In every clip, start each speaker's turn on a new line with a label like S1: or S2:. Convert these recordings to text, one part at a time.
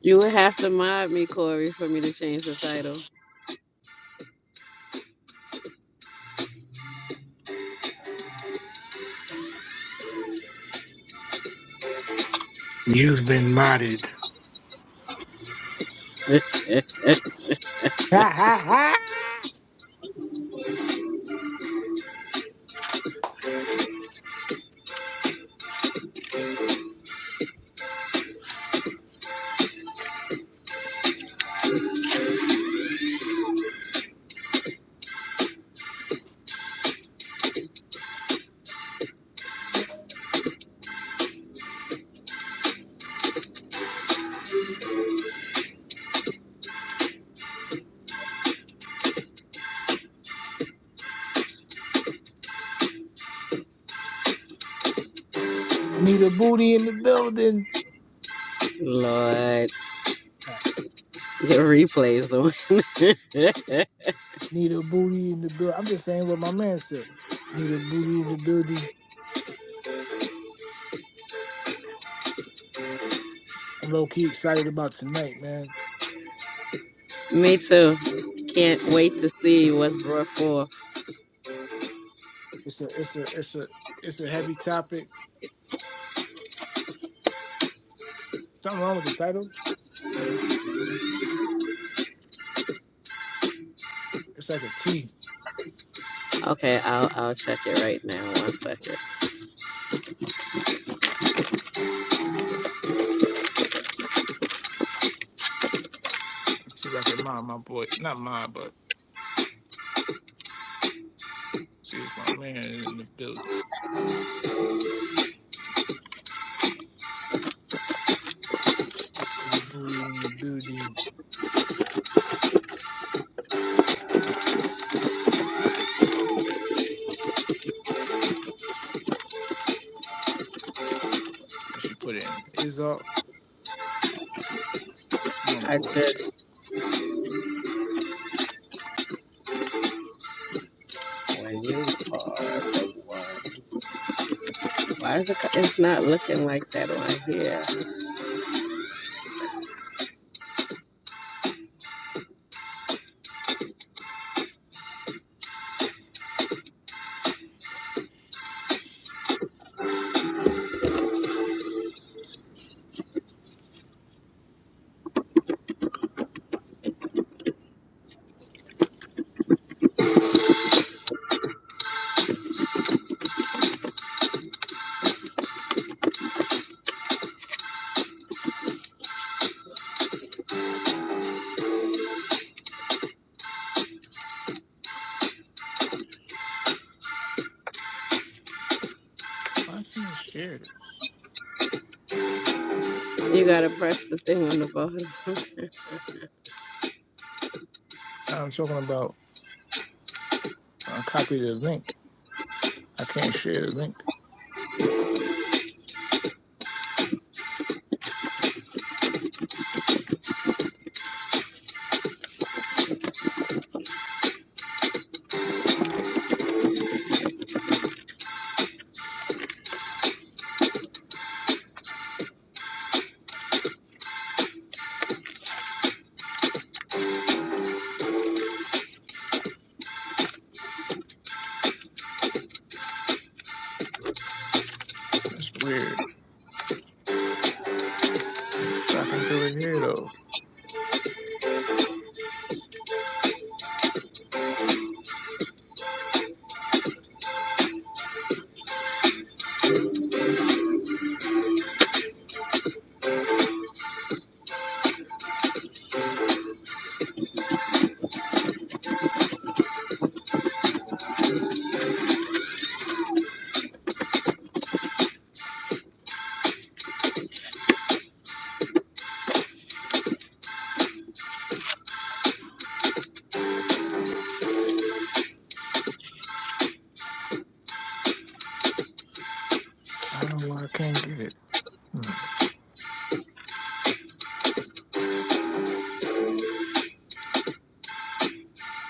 S1: You would have to mod me, Corey, for me to change the title.
S2: You've been modded. Ha ha ha! Need a booty in the building.
S1: Lord, the replays on.
S2: Need a booty in the building. I'm just saying what my man said. Need a booty in the building. I'm low key excited about tonight, man.
S1: me too. Can't
S2: It's
S1: wait to see what's brought forth.
S2: it's a it's a it's a it's a heavy topic. Something wrong with the title? It's like a T.
S1: Okay, I'll I'll check it right now. One second.
S2: Let's See if I can mind my boy. Not mine, but see if my man is in the building. Need a booty in the building. what she put in Izok. My
S1: I
S2: boy. uh,
S1: just when you are the one. Why is it? co- It's not looking like that on here.
S2: Why can't you share this?
S1: You gotta press the thing on the bottom.
S2: I'm talking about I copied the link. I can't share the link. That's weird. But I can do it here though. I don't know why I can't get it. Hmm.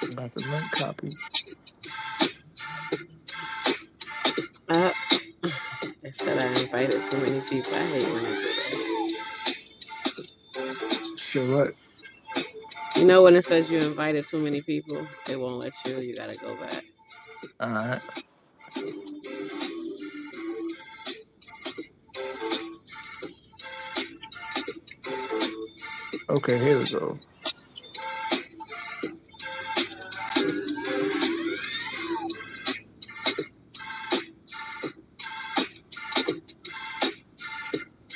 S2: I got the link copy.
S1: Up. It said I invited too many people. I hate when it.
S2: Share what?
S1: You know when it says you invited too many people, it won't let you. You gotta go back.
S2: Alright. Okay, here we go.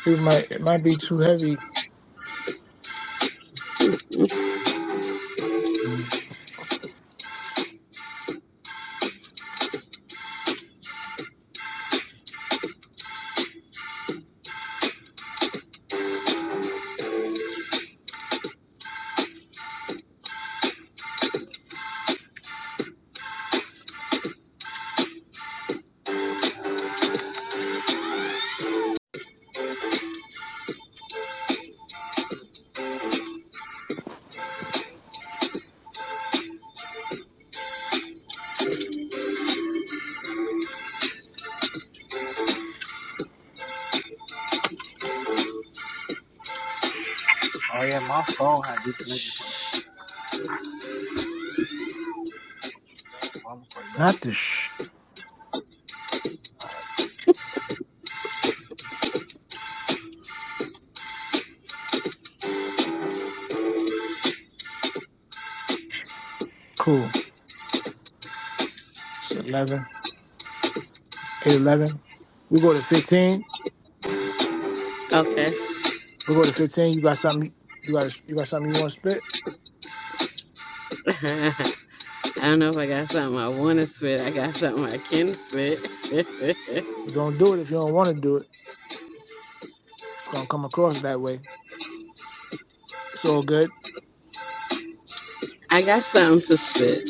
S2: It might it might be too heavy. Mm,
S1: Oh yeah, my phone had disconnected from the phone before
S2: Not the sh cool. It's eleven. Eight eleven. We go to fifteen.
S1: you left.
S2: We go to fifteen. You got something you got you got something you want to spit?
S1: Okay. I don't know if I got something I want to spit. I got something I can spit.
S2: But don't do it if you don't want to do it. It's gonna come across that way. It's all good.
S1: I got something to spit.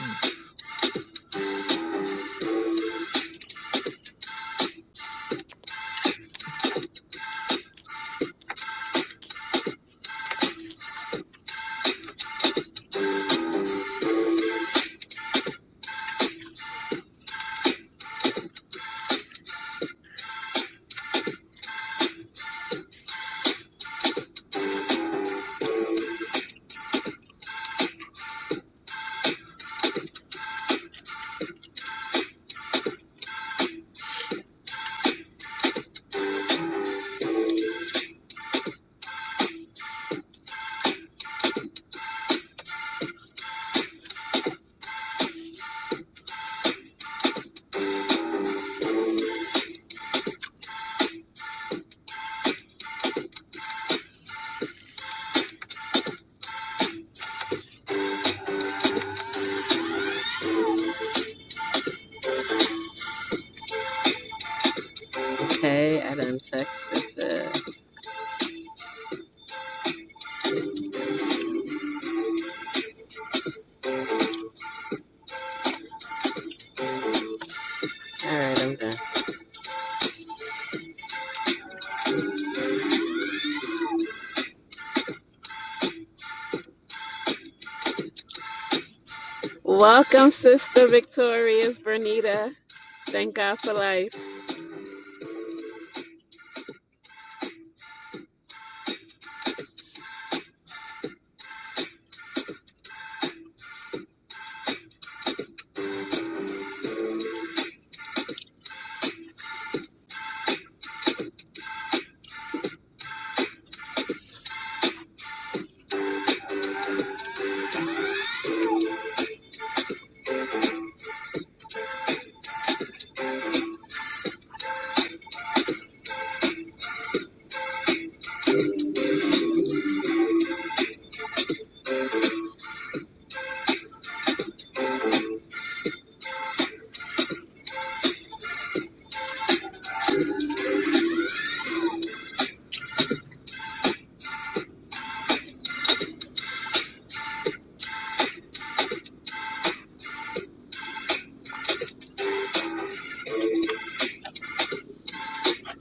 S2: Mm.
S1: Okay, I done texted it. All right, I'm done. Welcome, Sister Victorious Bernita. Thank God for life.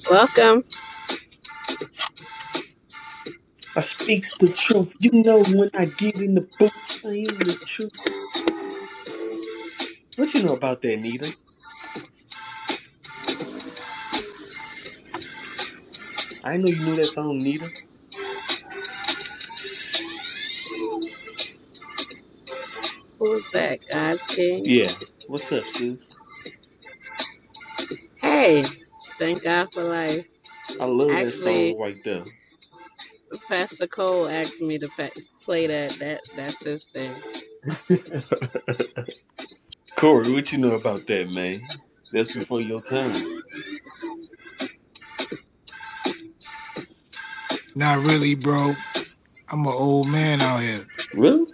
S1: Welcome.
S3: I speaks the truth. You know when I get in the booth, I am the truth. What you know about that, Nita? I didn't know you knew that song, Nita.
S1: Who's that? God's King.
S3: Yeah. What's up, sis?
S1: Hey, thank God for life.
S3: I love that
S1: Actually,
S3: song right there.
S1: Pastor Cole asked me to pa- play that. That that's his thing.
S3: Corey, what you know about that, man? That's before your time.
S2: Not really, bro. I'm an old man out here.
S3: Really?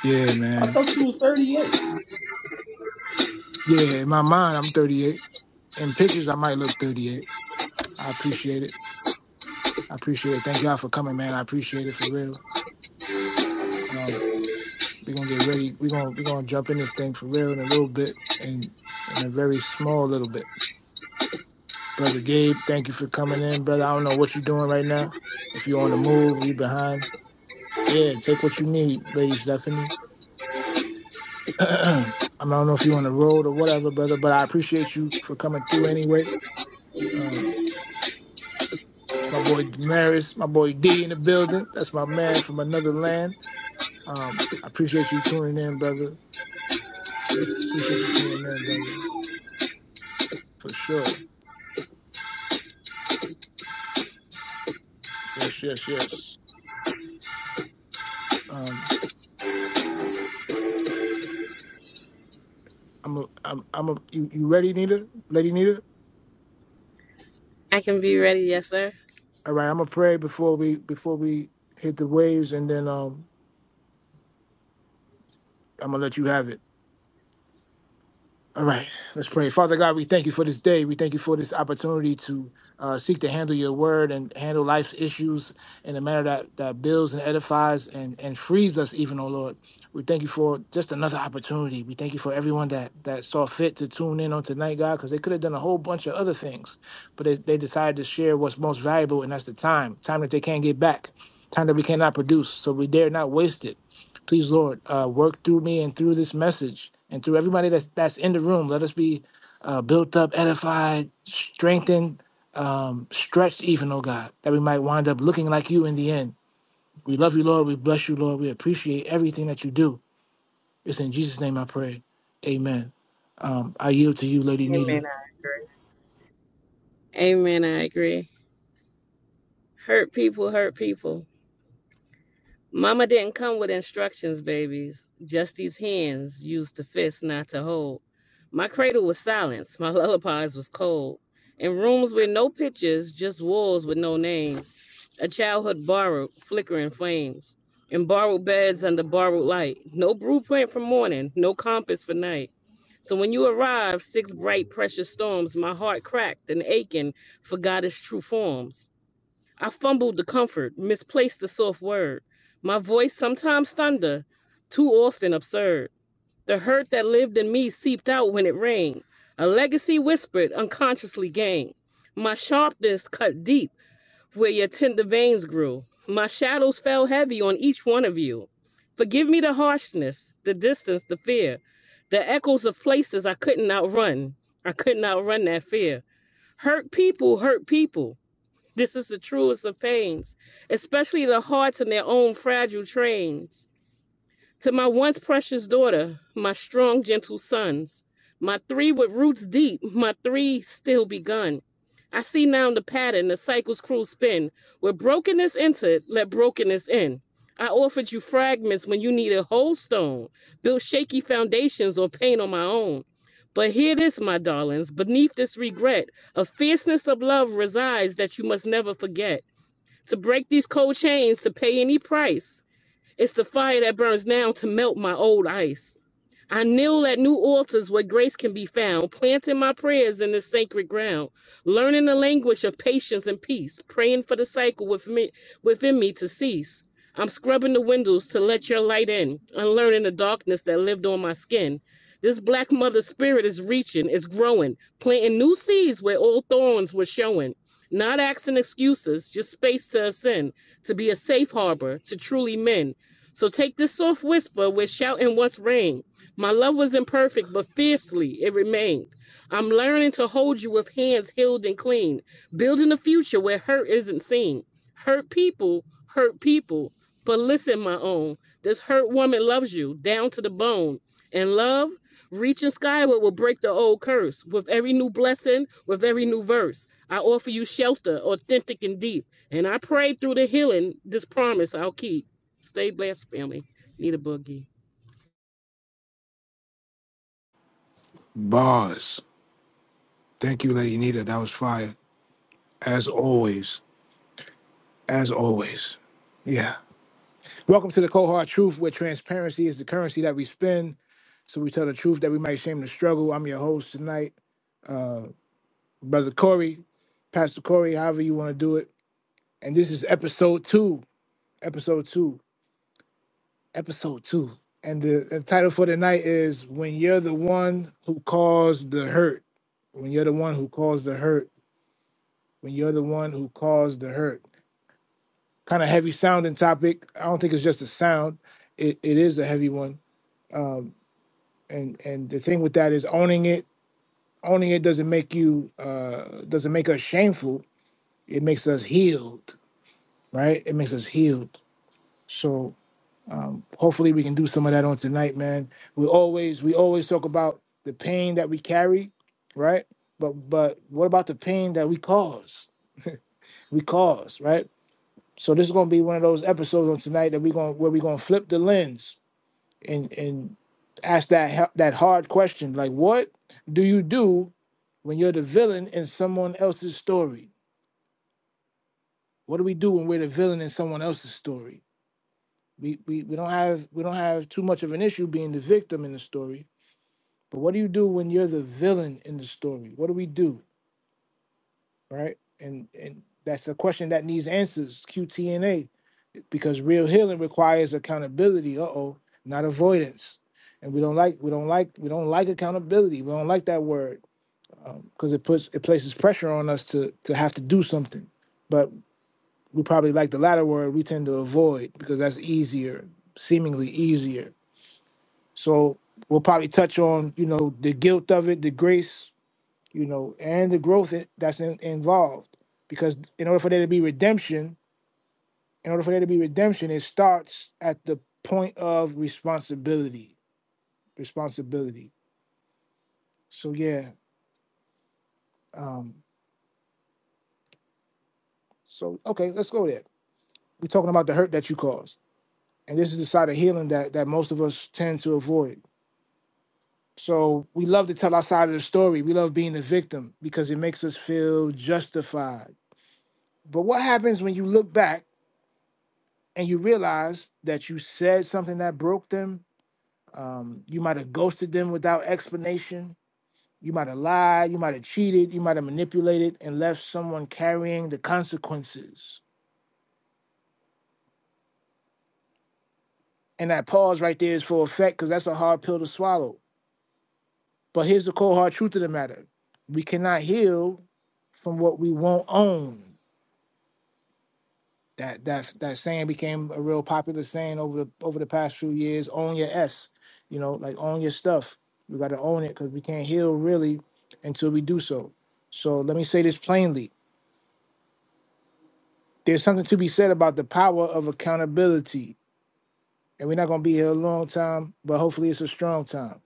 S2: Yeah,
S3: I
S2: man.
S3: thought you was 38.
S2: Yeah, in my mind, I'm 38. In pictures, I might look 38. I appreciate it. I appreciate it. Thank y'all for coming, man. I appreciate it for real. Um, we're gonna get ready. We're gonna we're gonna jump in this thing for real in a little bit, and in in a very small little bit. Brother Gabe, thank you for coming in, brother. I don't know what you're doing right now. If you're on the move, you behind. Yeah, take what you need, Lady Stephanie. I don't know if you're on the road or whatever, brother, but I appreciate you for coming through anyway. Um, It's my boy Damaris, my boy D in the building. That's my man from another land. Um, I appreciate you tuning in, brother. Appreciate you tuning in, brother, for sure. Yes, yes, yes. Um, I'm a, I'm, I'm a. You, you ready, Nita? Lady Nita?
S1: I can be ready, yes, sir.
S2: All right, I'm gonna pray before we before we hit the waves, and then um, I'm gonna let you have it. All right, let's pray. Father God, we thank you for this day. We thank you for this opportunity to uh, seek to handle your word and handle life's issues in a manner that, that builds and edifies and, and frees us, even, oh Lord. We thank you for just another opportunity. We thank you for everyone that, that saw fit to tune in on tonight, God, because they could have done a whole bunch of other things, but they, they decided to share what's most valuable, and that's the time time that they can't get back, time that we cannot produce. So we dare not waste it. Please, Lord, uh, work through me and through this message and through everybody that's that's in the room. Let us be uh, built up, edified, strengthened, um, stretched, even, oh God, that we might wind up looking like you in the end. We love you, Lord. We bless you, Lord. We appreciate everything that you do. It's in Jesus' name I pray. Amen. Um, I yield to you, Lady
S1: Amen.
S2: Nita.
S1: I agree. Amen. I agree. Hurt people, hurt people. Mama didn't come with instructions, babies. Just these hands used to fist, not to hold. My cradle was silence. My lullabies was cold. In rooms with no pictures, just walls with no names. A childhood borrowed, flickering flames. In borrowed beds under borrowed light. No blueprint for morning, no compass for night. So when you arrived, six bright, precious storms, my heart cracked and aching, forgot its true forms. I fumbled the comfort, misplaced the soft word. My voice sometimes thunder, too often absurd. The hurt that lived in me seeped out when it rang. A legacy whispered, unconsciously gained. My sharpness cut deep where your tender veins grew. My shadows fell heavy on each one of you. Forgive me the harshness, the distance, the fear, the echoes of places I couldn't outrun. I couldn't outrun that fear. Hurt people, hurt people. This is the truest of pains, especially the hearts in their own fragile trains. To my once precious daughter, my strong, gentle sons, my three with roots deep, my three still begun. I see now the pattern, the cycle's cruel spin. Where brokenness entered, let brokenness in. I offered you fragments when you needed whole stone, built shaky foundations or pain on my own. But hear this, my darlings, beneath this regret, a fierceness of love resides that you must never forget. To break these cold chains, to pay any price, it's the fire that burns now to melt my old ice. I kneel at new altars where grace can be found, planting my prayers in the sacred ground, learning the language of patience and peace, praying for the cycle with me, within me to cease. I'm scrubbing the windows to let your light in, unlearning the darkness that lived on my skin. This black mother spirit is reaching, is growing, planting new seeds where old thorns were showing. Not asking excuses, just space to ascend, to be a safe harbor, to truly mend. So take this soft whisper where shouting once rang my love was imperfect, but fiercely it remained. I'm learning to hold you with hands healed and clean, building a future where hurt isn't seen. Hurt people hurt people. But listen, my own, this hurt woman loves you down to the bone. And love, reaching skyward will break the old curse. With every new blessing, with every new verse, I offer you shelter, authentic and deep. And I pray through the healing, this promise I'll keep. Stay blessed, family. Need a boogie.
S2: Bars. Thank you, Lady Nita. That was fire. As always. As always. Yeah. Welcome to the Cohort Truth, where transparency is the currency that we spend. So we tell the truth that we might shame the struggle. I'm your host tonight, uh, Brother Corey, Pastor Corey, however you want to do it. And this is episode two, episode two, episode two. And the, the title for tonight is When You're the One Who Caused the Hurt. When You're the One Who Caused the Hurt. When You're the One Who Caused the Hurt. Kind of heavy sounding topic. I don't think it's just a sound, it, it is a heavy one. Um, and, and the thing with that is owning it only it doesn't make you uh doesn't make us shameful it makes us healed right it makes us healed so um hopefully we can do some of that on tonight man we always we always talk about the pain that we carry right but but what about the pain that we cause we cause right so this is going to be one of those episodes on tonight that we're going to where we're going to flip the lens and and ask that that hard question like what do you do when you're the villain in someone else's story What do we do when we're the villain in someone else's story? We, we, we don't have we don't have too much of an issue being the victim in the story, but what do you do when you're the villain in the story? What do we do, right? And and that's a question that needs answers, QTNA, because real healing requires accountability. Uh oh, not avoidance. And we don't like we don't like we don't like accountability. We don't like that word because um, it puts it places pressure on us to to have to do something. But We probably like the latter word we tend to avoid because that's easier, seemingly easier. So we'll probably touch on, you know, the guilt of it, the grace, you know, and the growth i- that's in, involved. Because in order for there to be redemption, in order for there to be redemption, it starts at the point of responsibility. Responsibility. So yeah. Um, so okay, let's go there. We're talking about the hurt that you caused. And this is the side of healing that, that most of us tend to avoid So we love to tell our side of the story. We love being the victim because it makes us feel justified. But what happens when you look back and you realize that you said something that broke them? Um, you might have ghosted them without explanation. You might have lied. You might have cheated. You might have manipulated and left someone carrying the consequences. And that pause right there is for effect because that's a hard pill to swallow. But here's the cold hard truth of the matter we cannot heal from what we won't own. That that that saying became a real popular saying over the over the past few years. Own your s, you know, like own your stuff. We got to own it because we can't heal really until we do so. So let me say this plainly: there's something to be said about the power of accountability, and we're not going to be here a long time, but hopefully it's a strong time.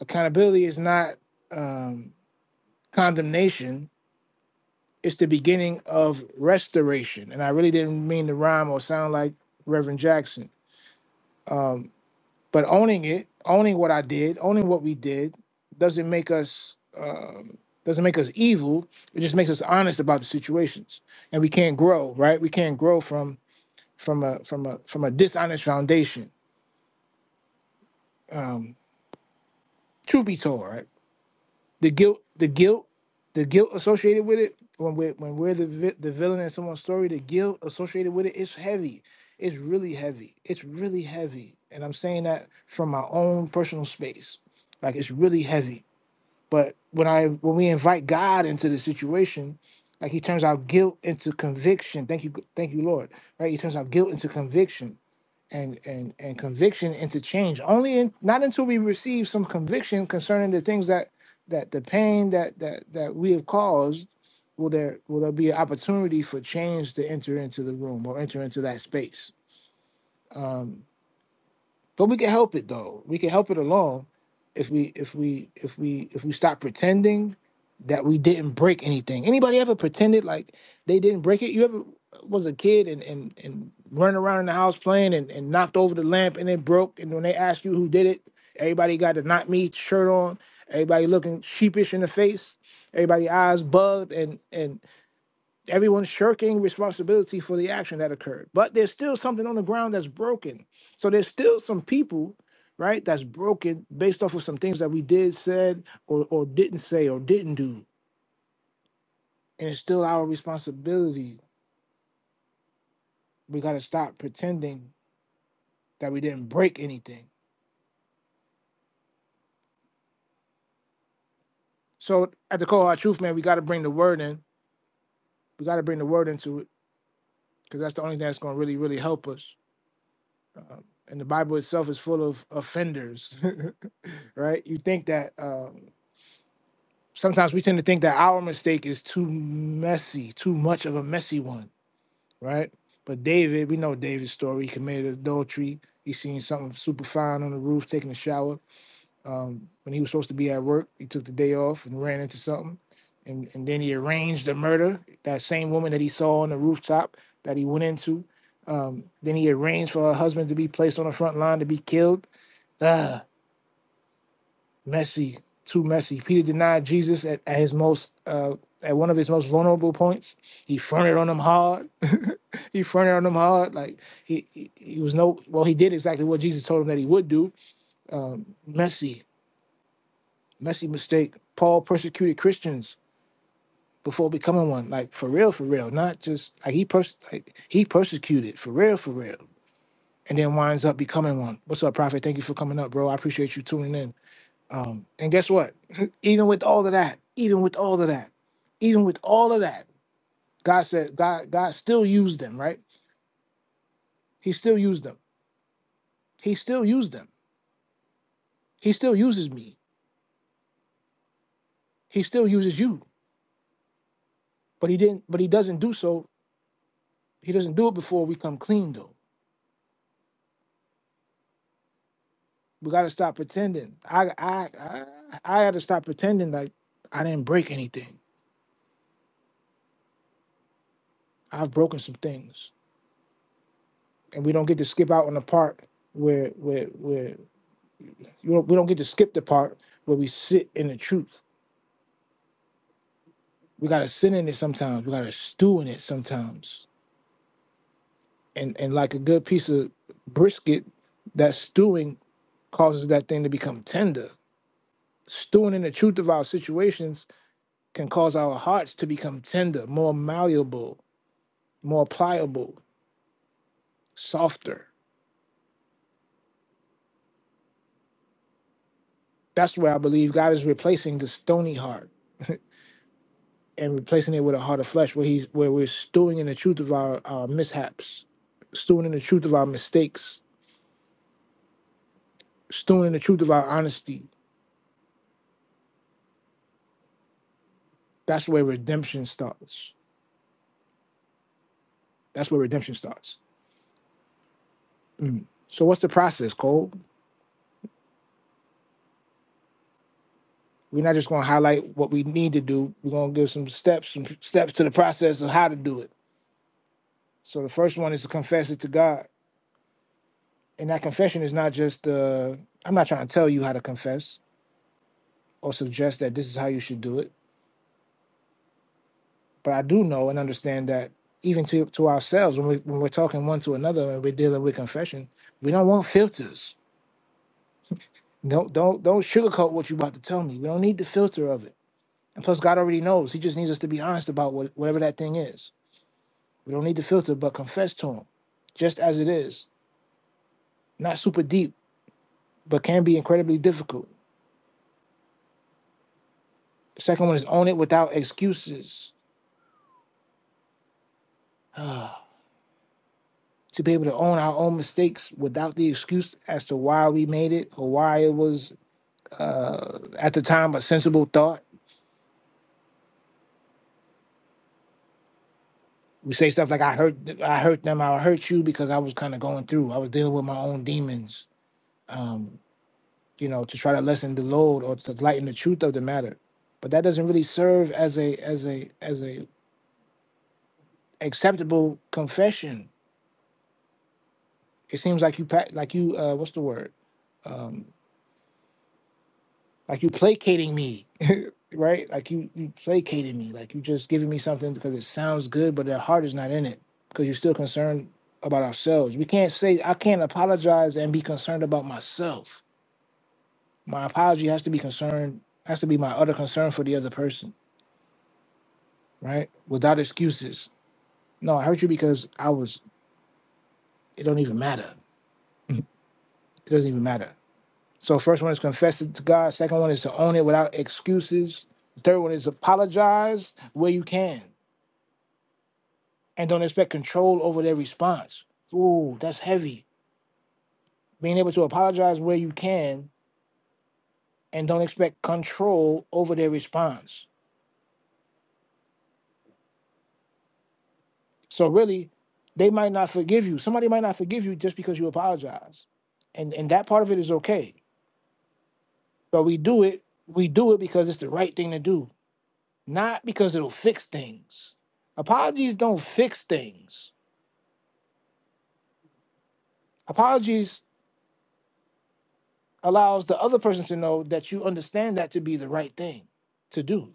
S2: Accountability is not um, condemnation; it's the beginning of restoration. And I really didn't mean to rhyme or sound like Reverend Jackson. Um, But owning it, owning what I did, owning what we did, doesn't make us um, doesn't make us evil. It just makes us honest about the situations, and we can't grow, right? We can't grow from from a from a from a dishonest foundation. Um, truth be told, right? The guilt, the guilt, the guilt associated with it when we're when we're the vi- the villain in someone's story, the guilt associated with it is heavy. It's really heavy. It's really heavy, and I'm saying that from my own personal space. Like it's really heavy But when I when we invite God into the situation, like He turns our guilt into conviction. Thank you, thank you, Lord. Right? He turns our guilt into conviction and and and conviction into change. Only in not until we receive some conviction concerning the things that that the pain that that that we have caused will there will there be an opportunity for change to enter into the room or enter into that space. Um, but we can help it though. We can help it along if we if we if we if we stop pretending that we didn't break anything. Anybody ever pretended like they didn't break it? You ever was a kid and and and running around in the house playing and, and knocked over the lamp and it broke and when they asked you who did it, everybody got the not me shirt on, everybody looking sheepish in the face, everybody eyes bugged and and Everyone's shirking responsibility for the action that occurred. But there's still something on the ground that's broken. So there's still some people, right, that's broken based off of some things that we did, said, or, or didn't say, or didn't do. And it's still our responsibility. We got to stop pretending that we didn't break anything. So at the core of truth, man, we got to bring the word in. We got to bring the word into it because that's the only thing that's going to really, really help us. Um, and the Bible itself is full of offenders, right? You think that. uh, sometimes we tend to think that our mistake is too messy, too much of a messy one, right? But David, we know David's story. He committed adultery. He seen something super fine on the roof, taking a shower. Um, when he was supposed to be at work, he took the day off and ran into something. And, and then he arranged the murder, that same woman that he saw on the rooftop that he went into. Um, then he arranged for her husband to be placed on the front line to be killed. Ah, messy, too messy. Peter denied Jesus at, at his most uh, at one of his most vulnerable points. He fronted on him hard. he fronted on him hard. Like he, he he was no well, he did exactly what Jesus told him that he would do. Um, messy, messy mistake. Paul persecuted Christians before becoming one. Like for real, for real. Not just like he pers- like he persecuted for real, for real. And then winds up becoming one. What's up, Prophet? Thank you for coming up, bro. I appreciate you tuning in. Um, and guess what? even with all of that, even with all of that, even with all of that, God said, God, God still used them, right? He still used them. He still used them. He still uses me. He still uses you. But he didn't, but he doesn't do so. He doesn't do it before we come clean though. We gotta stop pretending. I I I, I had to stop pretending like I didn't break anything. I've broken some things. And we don't get to skip out on the part where where where you know, we don't get to skip the part where we sit in the truth we gotta sit in it sometimes. We gotta stew in it sometimes. And and like a good piece of brisket, that stewing causes that thing to become tender. Stewing in the truth of our situations can cause our hearts to become tender, more malleable, more pliable, softer. That's where I believe God is replacing the stony heart and replacing it with a heart of flesh, where he's where we're stewing in the truth of our, our mishaps, stewing in the truth of our mistakes, stewing in the truth of our honesty, That's where redemption starts. That's where redemption starts. Mm. So what's the process, Cole? We're not just going to highlight what we need to do. We're going to give some steps, some steps to the process of how to do it. So the first one is to confess it to God, and that confession is not just. Uh, I'm not trying to tell you how to confess or suggest that this is how you should do it, but I do know and understand that even to to ourselves when we when we're talking one to another and we're dealing with confession, we don't want filters. Don't don't don't sugarcoat what you're about to tell me. We don't need the filter of it And plus, God already knows. He just needs us to be honest about what, whatever that thing is. We don't need to filter, but confess to Him just as it is. Not super deep, but can be incredibly difficult. The second one is own it without excuses. to be able to own our own mistakes without the excuse as to why we made it or why it was uh, at the time a sensible thought. We say stuff like "I hurt, I hurt them, I hurt you" because I was kind of going through. I was dealing with my own demons. Um, you know, to try to lessen the load or to lighten the truth of the matter. But that doesn't really serve as a as a as a acceptable confession. It seems like you pa- like you uh, what's the word? Um, like you placating me, right? Like you you placating me. Like you just giving me something because it sounds good, but their heart is not in it because you're still concerned about ourselves. We can't say I can't apologize and be concerned about myself. My apology has to be concerned has to be my utter concern for the other person, right? Without excuses No, I hurt you because I was. It don't even matter. it doesn't even matter. So first one is confess it to God. Second one is to own it without excuses. Third one is apologize where you can and don't expect control over their response. Ooh, that's heavy. Being able to apologize where you can and don't expect control over their response. So really, they might not forgive you. Somebody might not forgive you just because you apologize. And and that part of it is okay. But we do it, we do it because it's the right thing to do not because it'll fix things. Apologies don't fix things. Apologies allows the other person to know that you understand that to be the right thing to do.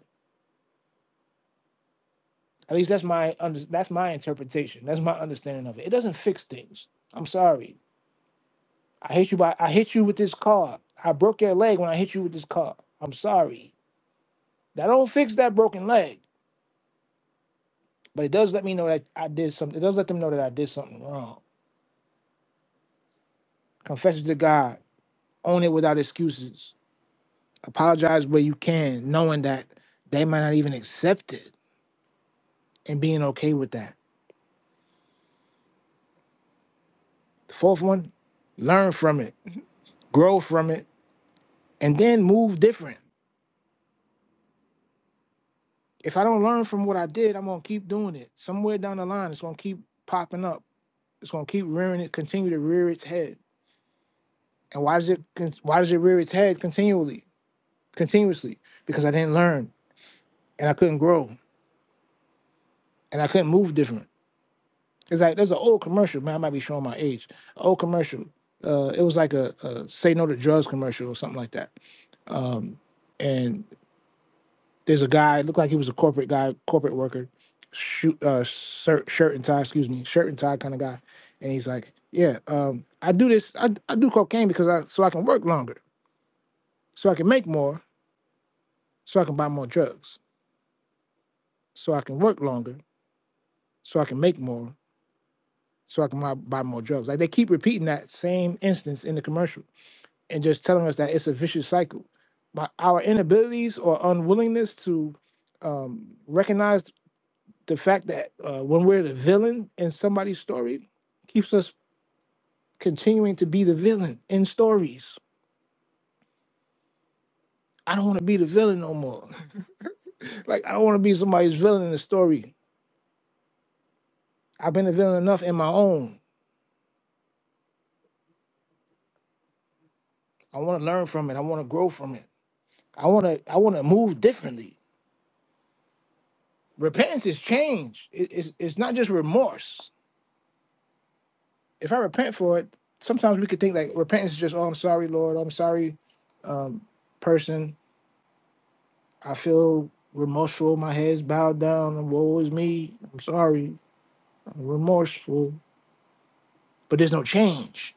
S2: At least that's my under, that's my interpretation. That's my understanding of it. It doesn't fix things. I'm sorry. I hit you by I hit you with this car. I broke your leg when I hit you with this car. I'm sorry. That don't fix that broken leg, but it does let me know that I did something. It does let them know that I did something wrong. Confess it to God. Own it without excuses Apologize where you can, knowing that they might not even accept it and being okay with that. The fourth one, learn from it, grow from it, and then move different. If I don't learn from what I did, I'm gonna keep doing it. Somewhere down the line, it's gonna keep popping up. It's gonna keep rearing it, continue to rear its head. And why does it con- why does it rear its head continually, continuously? Because I didn't learn and I couldn't grow and I couldn't move different. It's like there's an old commercial, man. I might be showing my age. An old commercial. Uh, it was like a, a "Say No to Drugs" commercial or something like that. Um, and there's a guy looked like he was a corporate guy, corporate worker, shoot, uh, shirt, shirt and tie, excuse me, shirt and tie kind of guy. And he's like, "Yeah, um, I do this. I, I do cocaine because I so I can work longer, so I can make more, so I can buy more drugs, so I can work longer, so I can make more, so I can buy, buy more drugs." Like they keep repeating that same instance in the commercial and just telling us that it's a vicious cycle. By our inabilities or unwillingness to um, recognize the fact that uh, when we're the villain in somebody's story, keeps us continuing to be the villain in stories. I don't want to be the villain no more. like I don't want to be somebody's villain in a story. I've been a villain enough in my own. I want to learn from it. I want to grow from it. I want to. I want to move differently. Repentance is change. It- it's it's not just remorse. if I repent for it, sometimes we could think like repentance is just, oh, I'm sorry, Lord, I'm sorry, um, person. I feel remorseful. My head's bowed down. And woe is me. I'm sorry. I'm remorseful. But there's no change.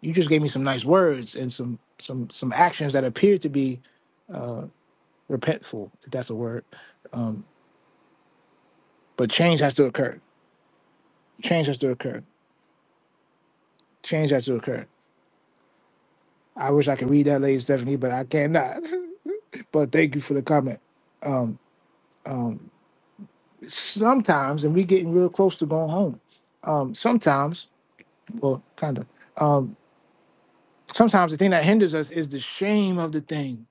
S2: You just gave me some nice words and some some some actions that appear to be uh, repentful, if that's a word. Um, but change has to occur. Change has to occur. Change has to occur. I wish I could read that, Lady Stephanie, but I cannot. but thank you for the comment. Um, um, sometimes, and we're getting real close to going home. Um, sometimes, well, kind of. Um, sometimes the thing that hinders us is the shame of the thing.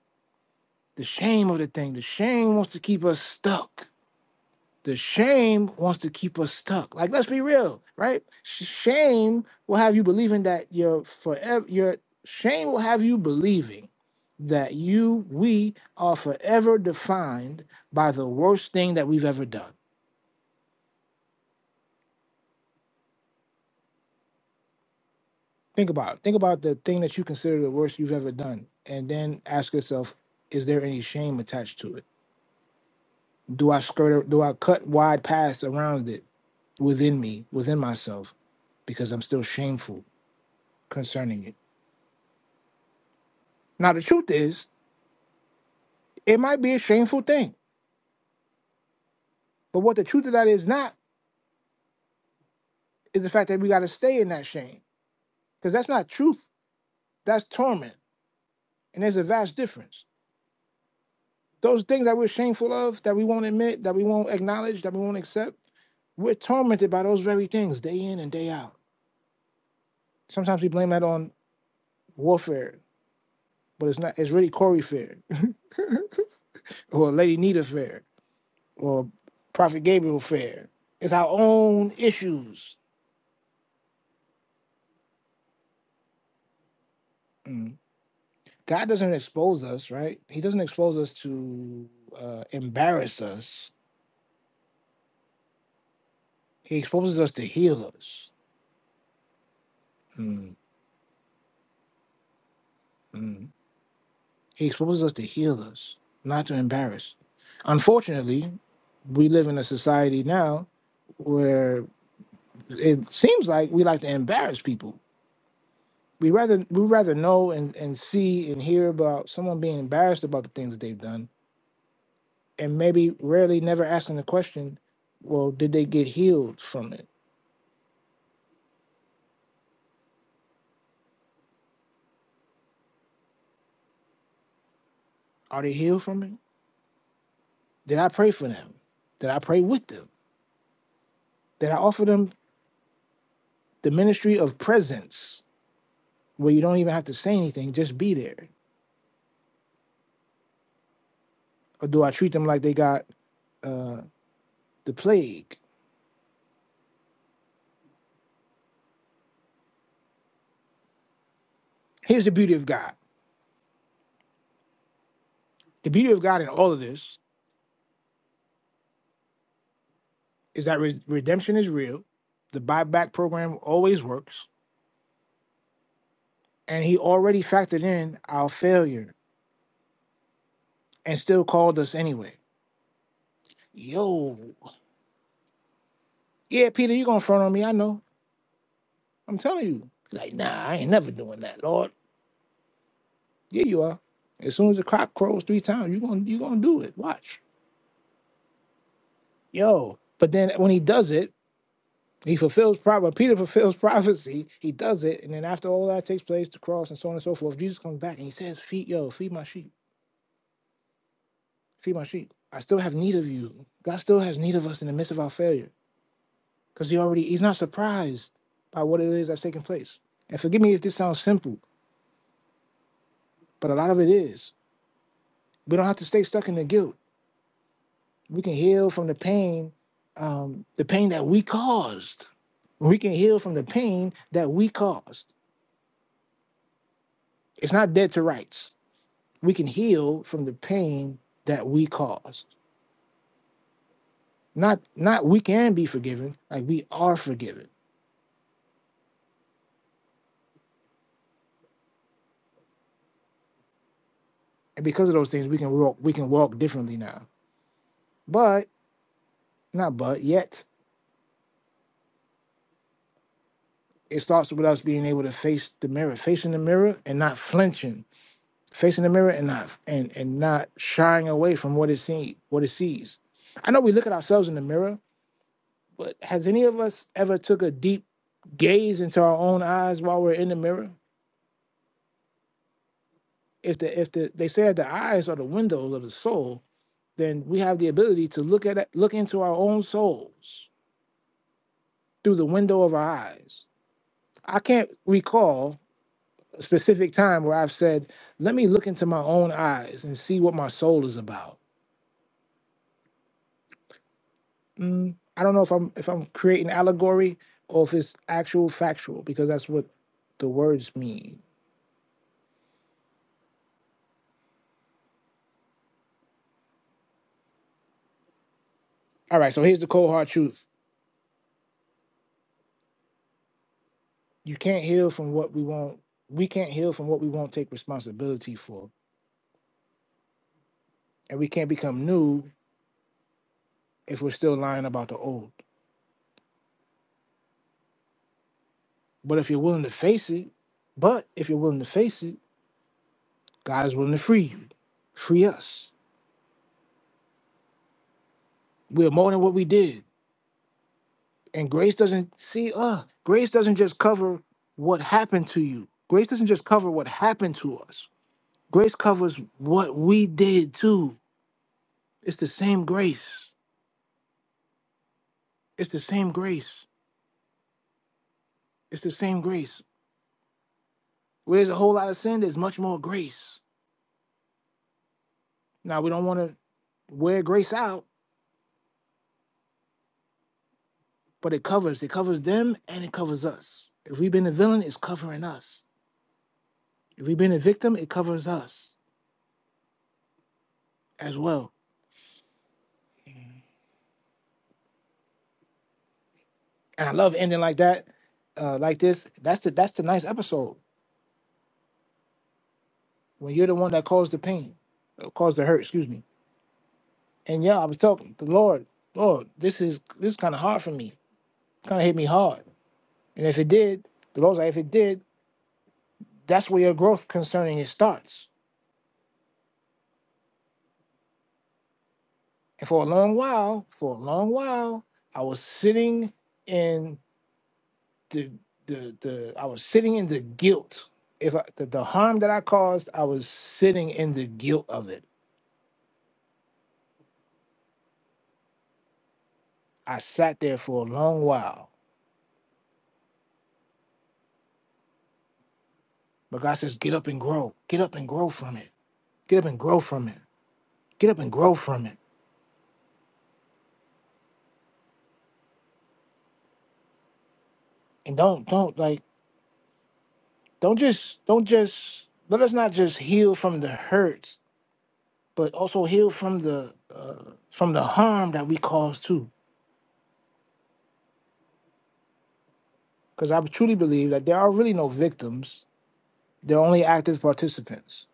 S2: The shame of the thing. The shame wants to keep us stuck. The shame wants to keep us stuck. Like, let's be real, right? Sh- Shame will have you believing that you're forever. Your shame will have you believing that you, we, are forever defined by the worst thing that we've ever done Think about it. think about the thing that you consider the worst you've ever done, and then ask yourself: Is there any shame attached to it? Do I skirt? Do I cut wide paths around it within me, within myself, because I'm still shameful concerning it? Now, the truth is, it might be a shameful thing, but what the truth of that is not is the fact that we got to stay in that shame, because that's not truth. That's torment, and there's a vast difference. Those things that we're shameful of, that we won't admit, that we won't acknowledge, that we won't accept, we're tormented by those very things day in and day out. Sometimes we blame that on warfare, but it's not. It's really Corey fair, or Lady Nita fair, or Prophet Gabriel fair. It's our own issues. Mm. God doesn't expose us, right? He doesn't expose us to uh, embarrass us. He exposes us to heal us. Mm, mm. He exposes us to heal us, not to embarrass. Unfortunately, we live in a society now where it seems like we like to embarrass people. We rather we rather know and, and see and hear about someone being embarrassed about the things that they've done and maybe rarely never asking the question, well, did they get healed from it? Are they healed from it? Did I pray for them? Did I pray with them? Did I offer them the ministry of presence where you don't even have to say anything, just be there? or do I treat them like they got uh, the plague? Here's the beauty of God. The beauty of God in all of this is that re- redemption is real. The buyback program always works, and He already factored in our failure and still called us anyway. Yo, yeah, Peter, you gonna front on me? I know. I'm telling you. Like, nah, I ain't never doing that, Lord. Yeah, you are. As soon as the cock crows three times, you gonna you gonna do it. Watch, yo. But then when He does it. He fulfills prophecy. Peter fulfills prophecy. He does it, and then after all that takes place, the cross and so on and so forth, Jesus comes back and he says, "Feed yo, feed my sheep, feed my sheep. I still have need of you. God still has need of us in the midst of our failure, because he already he's not surprised by what it is that's taking place. And forgive me if this sounds simple, but a lot of it is. We don't have to stay stuck in the guilt. We can heal from the pain, um, the pain that we caused. We can heal from the pain that we caused. It's not dead to rights we can heal from the pain that we caused. Not not we can be forgiven, like we are forgiven. And because of those things, we can walk we can walk differently now. But not but yet it starts with us being able to face the mirror, facing the mirror and not flinching, facing the mirror and not and and not shying away from what it sees, what it sees. I know we look at ourselves in the mirror, but has any of us ever took a deep gaze into our own eyes while we're in the mirror? if the if the they said the eyes are the windows of the soul, then we have the ability to look at look into our own souls through the window of our eyes. I can't recall a specific time where I've said, "Let me look into my own eyes and see what my soul is about." Mm, I don't know if I'm if I'm creating allegory or if it's actual factual because that's what the words mean. All right, so here's the cold hard truth: you can't heal from what we won't. We can't heal from what we won't take responsibility for and we can't become new if we're still lying about the old. But if you're willing to face it, but if you're willing to face it, God is willing to free you, free us. We're more than what we did, and grace doesn't see. Uh, grace doesn't just cover what happened to you. Grace doesn't just cover what happened to us. Grace covers what we did too. It's the same grace. It's the same grace. It's the same grace. Where there's a whole lot of sin, there's much more grace. Now we don't want to wear grace out, but it covers. It covers them and it covers us. If we've been a villain, it's covering us. If we've been a victim, it covers us as well. And I love ending like that, uh, like this. That's the that's the nice episode when you're the one that caused the pain, uh, caused the hurt. Excuse me. And yeah, I was talking the Lord. Lord, this is this kind of hard for me. Kind of hit me hard. And if it did, the Lord's like, if it did, that's where your growth concerning it starts. And for a long while, for a long while, I was sitting in. the the the I was sitting in the guilt. If I, the, the harm that I caused, I was sitting in the guilt of it. I sat there for a long while. But God says, get up and grow. Get up and grow from it. Get up and grow from it. Get up and grow from it. And don't don't like don't just don't just let us not just heal from the hurts, but also heal from the uh, from the harm that we cause too. Because I truly believe that there are really no victims. They're only active participants.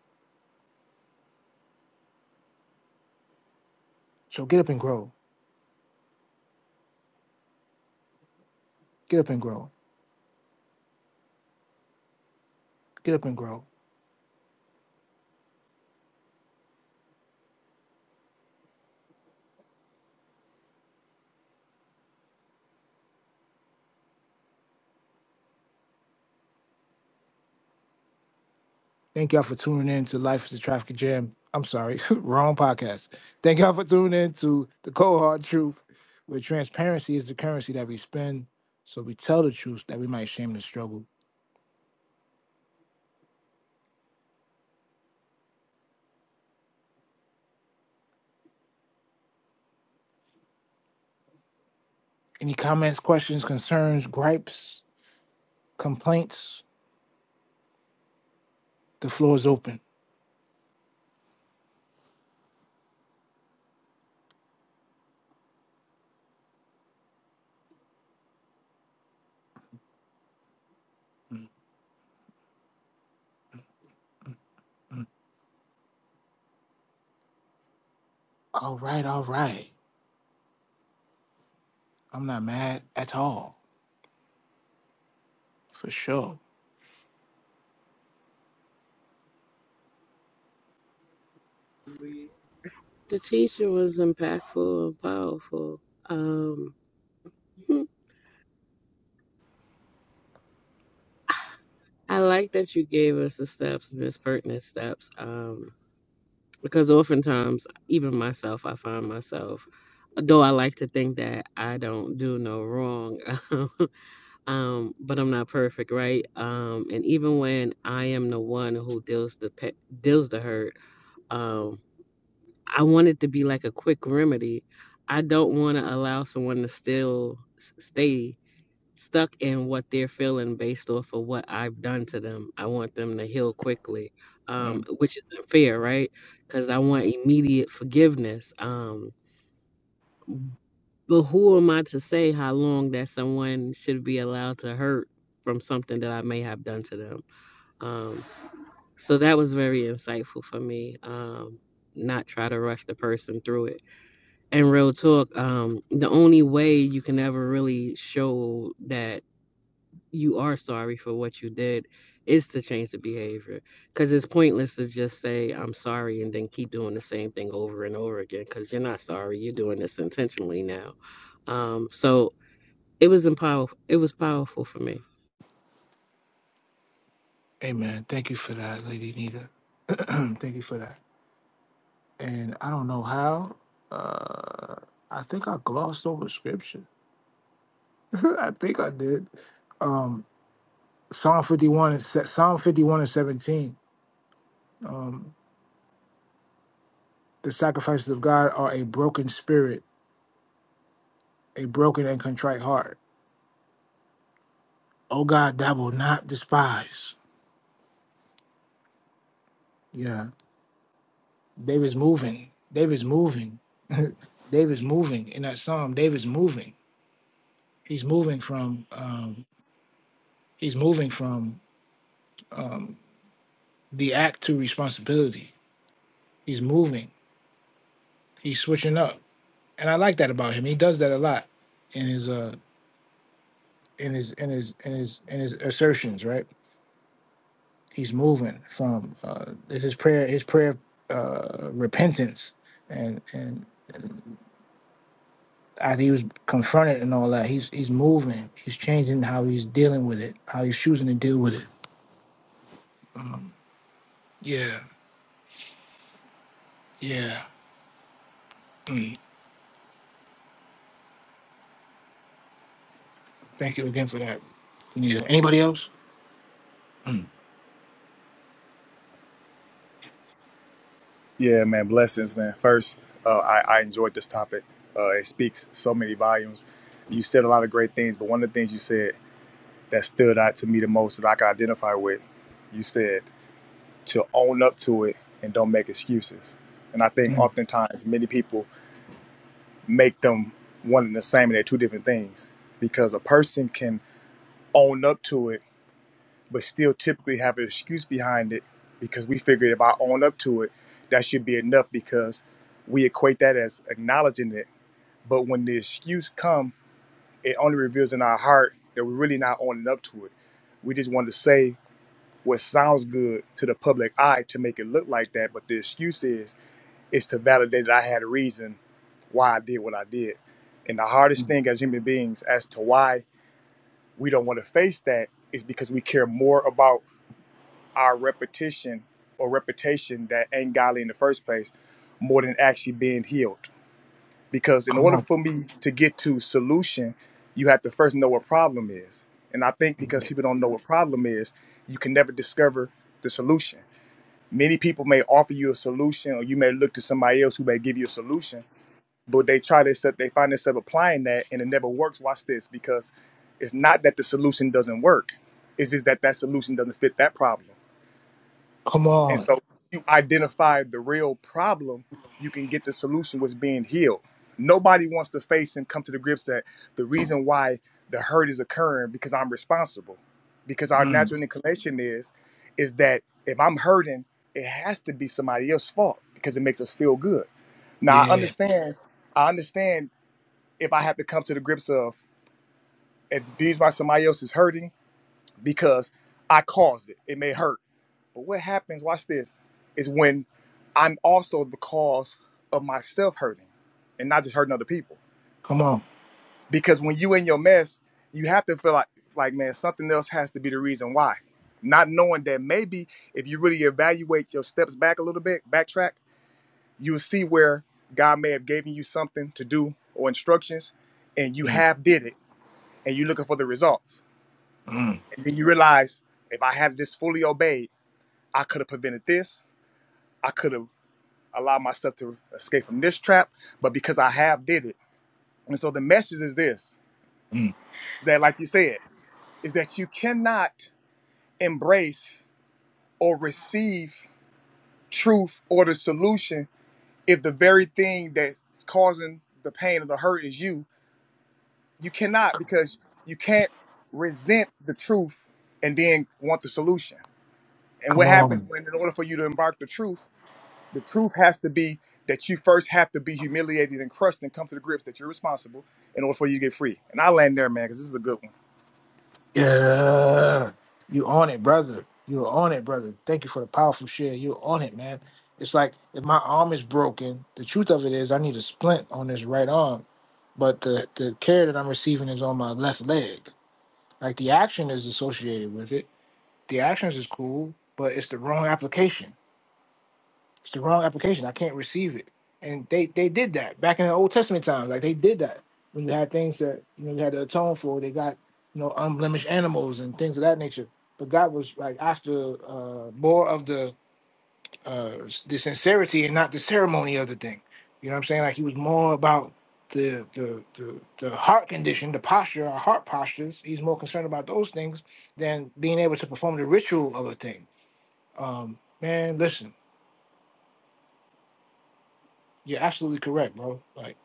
S2: So get up and grow Get up and grow. Get up and grow. Thank y'all for tuning in to Life is a Traffic Jam. I'm sorry, wrong podcast. Thank y'all for tuning in to the cold hard truth, where transparency is the currency that we spend. So we tell the truth that we might shame the struggle. Any comments, questions, concerns, gripes, complaints? The floor is open. Mm. All right, all right. I'm not mad at all, for sure.
S1: The teacher was impactful and powerful. Um, I like that you gave us the steps, Miss Pertinent steps, um, because oftentimes, even myself, I find myself, though I like to think that I don't do no wrong, um, but I'm not perfect, right? Um, and even when I am the one who deals the pe- deals the hurt, um, I want it to be like a quick remedy. I don't want to allow someone to still s- stay stuck in what they're feeling based off of what I've done to them. I want them to heal quickly, um,
S2: Mm.
S1: which isn't fair, right? Because I want immediate forgiveness. Um, but who am I to say how long that someone should be allowed to hurt from something that I may have done to them? Um, so that was very insightful for me. Um, not try to rush the person through it. And real talk, um, the only way you can ever really show that you are sorry for what you did is to change the behavior because it's pointless to just say i'm sorry and then keep doing the same thing over and over again because you're not sorry you're doing this intentionally now um so it was empower it was powerful for me
S2: Amen. Thank you for that, Lady Nita. Thank you for that. and I don't know how. Uh, I think I glossed over scripture. I think I did. Um, Psalm fifty-one and se- Psalm fifty-one and seventeen. Um, the sacrifices of God are a broken spirit, a broken and contrite heart. Oh God, thou will not despise. Yeah, David's moving. David's moving. David's moving in that psalm. David's moving. He's moving from. Um, he's moving from um, the act to responsibility He's moving. He's switching up, and I like that about him. He does that a lot in his uh in his in his in his in his assertions. Right? He's moving from uh, his prayer his prayer uh, repentance and and as he was confronted and all that. He's he's moving. He's changing how he's dealing with it. How he's choosing to deal with it. Yeah. Yeah. Mm. Thank you again for that. Anita. Anybody else?
S4: Yeah, man, blessings, man. First, uh, I, I enjoyed this topic. Uh, it speaks so many volumes. You said a lot of great things, but one of the things you said that stood out to me the most that I can identify with, you said to own up to it and don't make excuses. And I think
S2: Mm.
S4: oftentimes many people make them one and the same, and they're two different things because a person can own up to it but still typically have an excuse behind it because we figured if I own up to it, that should be enough because we equate that as acknowledging it. But when the excuse come, it only reveals in our heart that we're really not owning up to it. We just want to say what sounds good to the public eye to make it look like that, but the excuse is is to validate that I had a reason why I did what I did. And the hardest thing as human beings as to why we don't want to face that is because we care more about our repetition or reputation that ain't godly in the first place more than actually being healed. Because in
S2: Come
S4: order
S2: on.
S4: for me to get to solution, you have to first know what problem is. And I think because people don't know what problem is, you can never discover the solution. Many people may offer you a solution or you may look to somebody else who may give you a solution, but they try to set they find themselves applying that and it never works. Watch this, because it's not that the solution doesn't work. It's just that that solution doesn't fit that problem
S2: Come
S4: and
S2: on.
S4: so you identify the real problem, you can get the solution was being healed. Nobody wants to face and come to the grips that the reason why the hurt is occurring because I'm responsible. Because our
S2: Mm.
S4: natural inclination is is that if I'm hurting, it has to be somebody else's fault because it makes us feel good. Now I
S2: Yeah.
S4: understand I understand if I have to come to the grips of if these why somebody else is hurting because I caused it. It may hurt. But what happens, watch this, is when I'm also the cause of myself hurting and not just hurting other people.
S2: Come on.
S4: Because when you in your mess, you have to feel like like man, something else has to be the reason why. Not knowing that maybe if you really evaluate your steps back a little bit, backtrack, you'll see where God may have given you something to do or instructions and you
S2: Mm.
S4: have did it and you're looking for the results.
S2: Mm.
S4: And then you realize if I had this fully obeyed I could have prevented this. I could have allowed myself to escape from this trap, but because I have did it. And so the message is this
S2: Mm.
S4: is that like you said, is that you cannot embrace or receive truth or the solution if the very thing that's causing the pain or the hurt is you. You cannot because you can't resent the truth and then want the solution. And
S2: Come
S4: what happens
S2: on.
S4: when in order for you to embark the truth The truth has to be that you first have to be humiliated and crushed and come to the grips that you're responsible in order for you to get free. And I land there, man, because this is a good one.
S2: Yeah. You on it, brother. You are on it, brother. Thank you for the powerful share. You are on it, man. It's like if my arm is broken, the truth of it is I need a splint on this right arm, but the, the care that I'm receiving is on my left leg. Like the action is associated with it. The actions is cool, but it's the wrong application. It's the wrong application. I can't receive it. And they they did that back in the Old Testament times. Like they did that when you had things that you know you had to atone for. They got you know unblemished animals and things of that nature. But God was like after uh, more of the uh, the sincerity and not the ceremony of the thing. You know what I'm saying? Like he was more about the the the, the heart condition, the posture, our heart postures. He's more concerned about those things than being able to perform the ritual of a thing. Um, man, listen. You're absolutely correct, bro. Like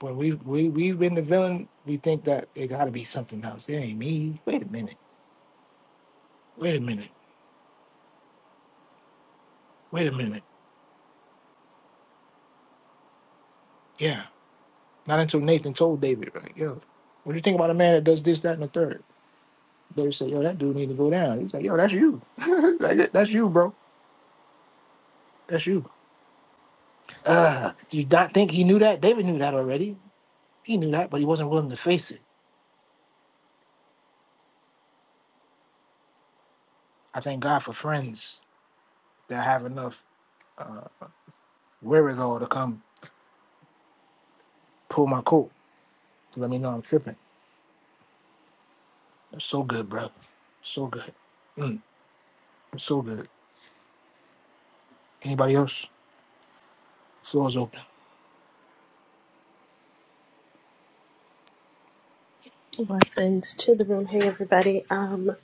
S2: when we have we we've been the villain, we think that it got to be something else. It ain't me. Wait a minute. Wait a minute. Wait a minute. Yeah. Not until Nathan told David, like, yo, what do you think about a man that does this, that, and the third? David said, yo, that dude need to go down. He's like, yo, that's you. Like, that's you, bro. That's you. Uh, do you not think he knew that? David knew that already. He knew that, but he wasn't willing to face it. I thank God for friends that have enough uh, wherewithal to come pull my coat Let me know I'm tripping. It's so good, bro. So good. Mm, it's so good. Anybody else? Floor is open.
S5: Blessings to the room. Hey, everybody. Um,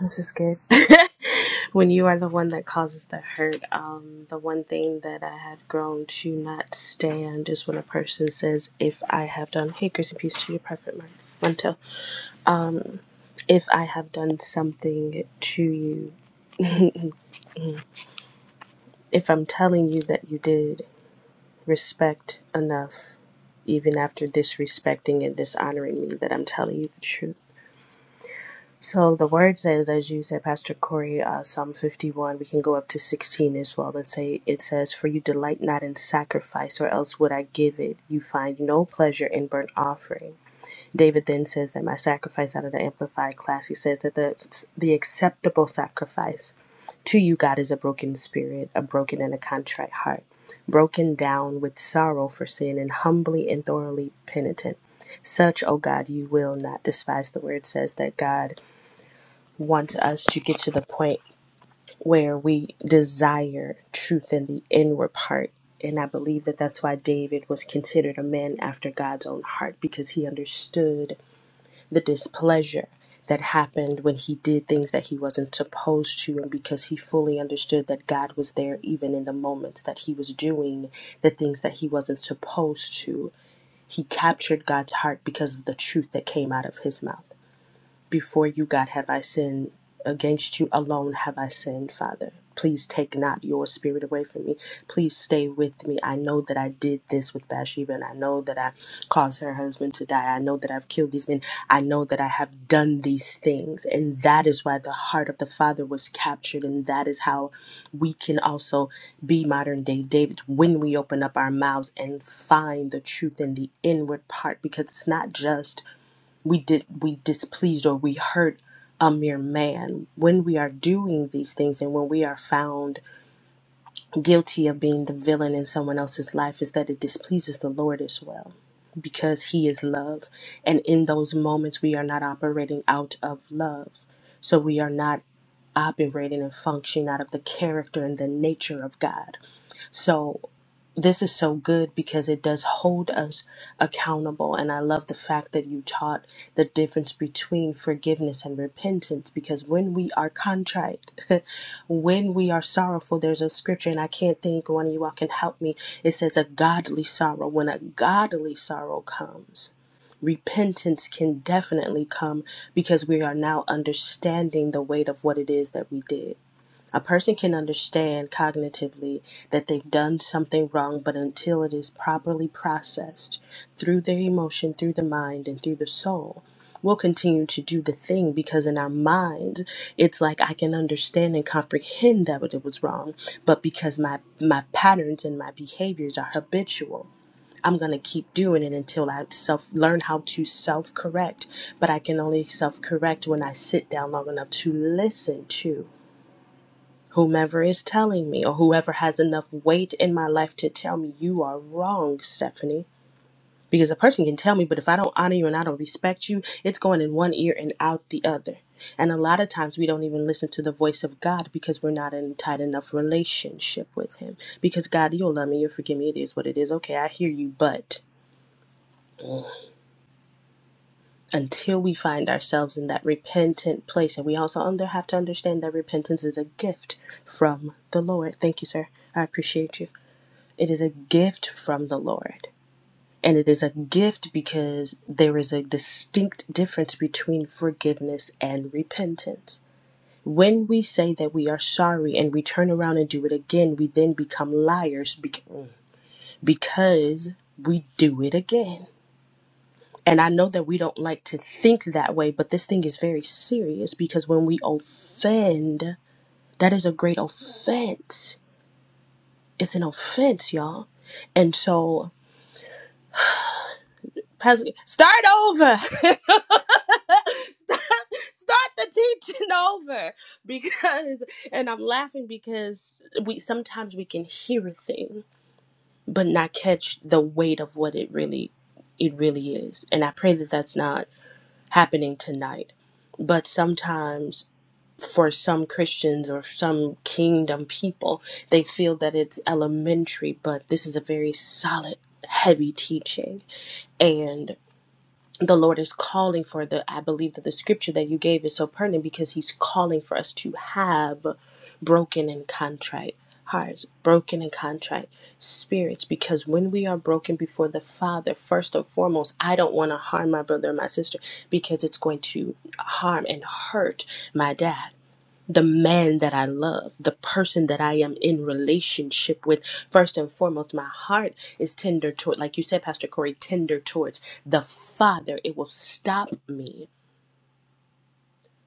S5: this is good. when you are the one that causes the hurt, um, the one thing that I had grown to not stand is when a person says, "If I have done," hey, grace and peace to your prophet Mar- Montel. If I have done something to you, if I'm telling you that you did, respect enough, even after disrespecting and dishonoring me, that I'm telling you the truth So the word says, as you said, Pastor Corey, uh, Psalm 51, we can go up to 16 as well and say, it says, For you delight not in sacrifice, or else would I give it. You find no pleasure in burnt offering. David then says that my sacrifice out of the Amplified class, he says that the, the acceptable sacrifice to you, God, is a broken spirit, a broken and a contrite heart, broken down with sorrow for sin and humbly and thoroughly penitent. Such, O God, you will not despise. The word says that God want us to get to the point where we desire truth in the inward part. And I believe that that's why David was considered a man after God's own heart because he understood the displeasure that happened when he did things that he wasn't supposed to, and because he fully understood that God was there even in the moments that he was doing the things that he wasn't supposed to. He captured God's heart because of the truth that came out of his mouth. Before you, God, have I sinned. Against you alone have I sinned, Father. Please take not your spirit away from me. Please stay with me. I know that I did this with Bathsheba, and I know that I caused her husband to die. I know that I've killed these men. I know that I have done these things. And that is why the heart of the Father was captured. And that is how we can also be modern day David when we open up our mouths and find the truth in the inward part, because it's not just we dis we displeased or we hurt a mere man when we are doing these things and when we are found guilty of being the villain in someone else's life is that it displeases the lord as well because he is love and in those moments we are not operating out of love so we are not operating and functioning out of the character and the nature of god so this is so good because it does hold us accountable. And I love the fact that you taught the difference between forgiveness and repentance because when we are contrite, when we are sorrowful, there's a scripture, and I can't think one of you all can help me. It says, A godly sorrow. When a godly sorrow comes, repentance can definitely come because we are now understanding the weight of what it is that we did. A person can understand cognitively that they've done something wrong, but until it is properly processed through their emotion, through the mind, and through the soul, we'll continue to do the thing because in our minds, it's like I can understand and comprehend that it was wrong, but because my my patterns and my behaviors are habitual, I'm gonna keep doing it until I self learn how to self correct. But I can only self correct when I sit down long enough to listen to whomever is telling me or whoever has enough weight in my life to tell me you are wrong, Stephanie. Because a person can tell me, but if I don't honor you and I don't respect you, it's going in one ear and out the other. And a lot of times we don't even listen to the voice of God because we're not in a tight enough relationship with Him. Because God, you'll love me, you'll forgive me, it is what it is. Okay, I hear you, but until we find ourselves in that repentant place, and we also under, have to understand that repentance is a gift from the Lord. Thank you, sir. I appreciate you. It is a gift from the Lord. And it is a gift because there is a distinct difference between forgiveness and repentance. When we say that we are sorry and we turn around and do it again, we then become liars because we do it again. And I know that we don't like to think that way, but this thing is very serious because when we offend, that is a great offense. It's an offense, y'all. And so, start over. start start the teaching over because and i'm laughing because we sometimes we can hear a thing but not catch the weight of what it really it really is and i pray that that's not happening tonight but sometimes for some christians or some kingdom people they feel that it's elementary but this is a very solid heavy teaching and the Lord is calling for the I believe that the scripture that you gave is so pertinent because he's calling for us to have broken and contrite hearts, broken and contrite spirits because when we are broken before the Father, first and foremost, I don't want to harm my brother or my sister because it's going to harm and hurt my dad the man that I love, the person that I am in relationship with. First and foremost, my heart is tender toward, like you said, Pastor Corey, tender towards the Father. It will stop me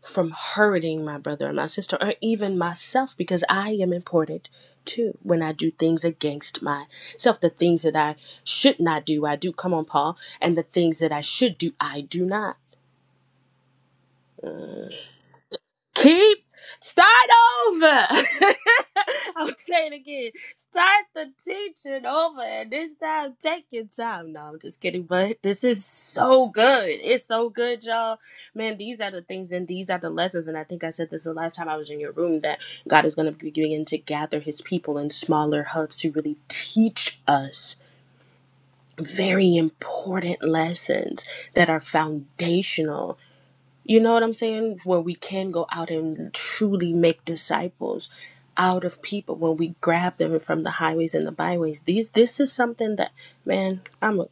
S5: from hurting my brother and my sister or even myself because I am important too when I do things against myself. The things that I should not do, I do. Come on, Paul. And the things that I should do, I do not. Mm. Keep start over. I'll say it again. Start the teaching over, and this time take your time. No, I'm just kidding, but this is so good. It's so good, y'all. Man, these are the things, and these are the lessons. And I think I said this the last time I was in your room that God is going to be beginning to gather His people in smaller hubs to really teach us very important lessons that are foundational you know what I'm saying? Where we can go out and truly make disciples out of people when we grab them from the highways and the byways. These this is something that man, I'm a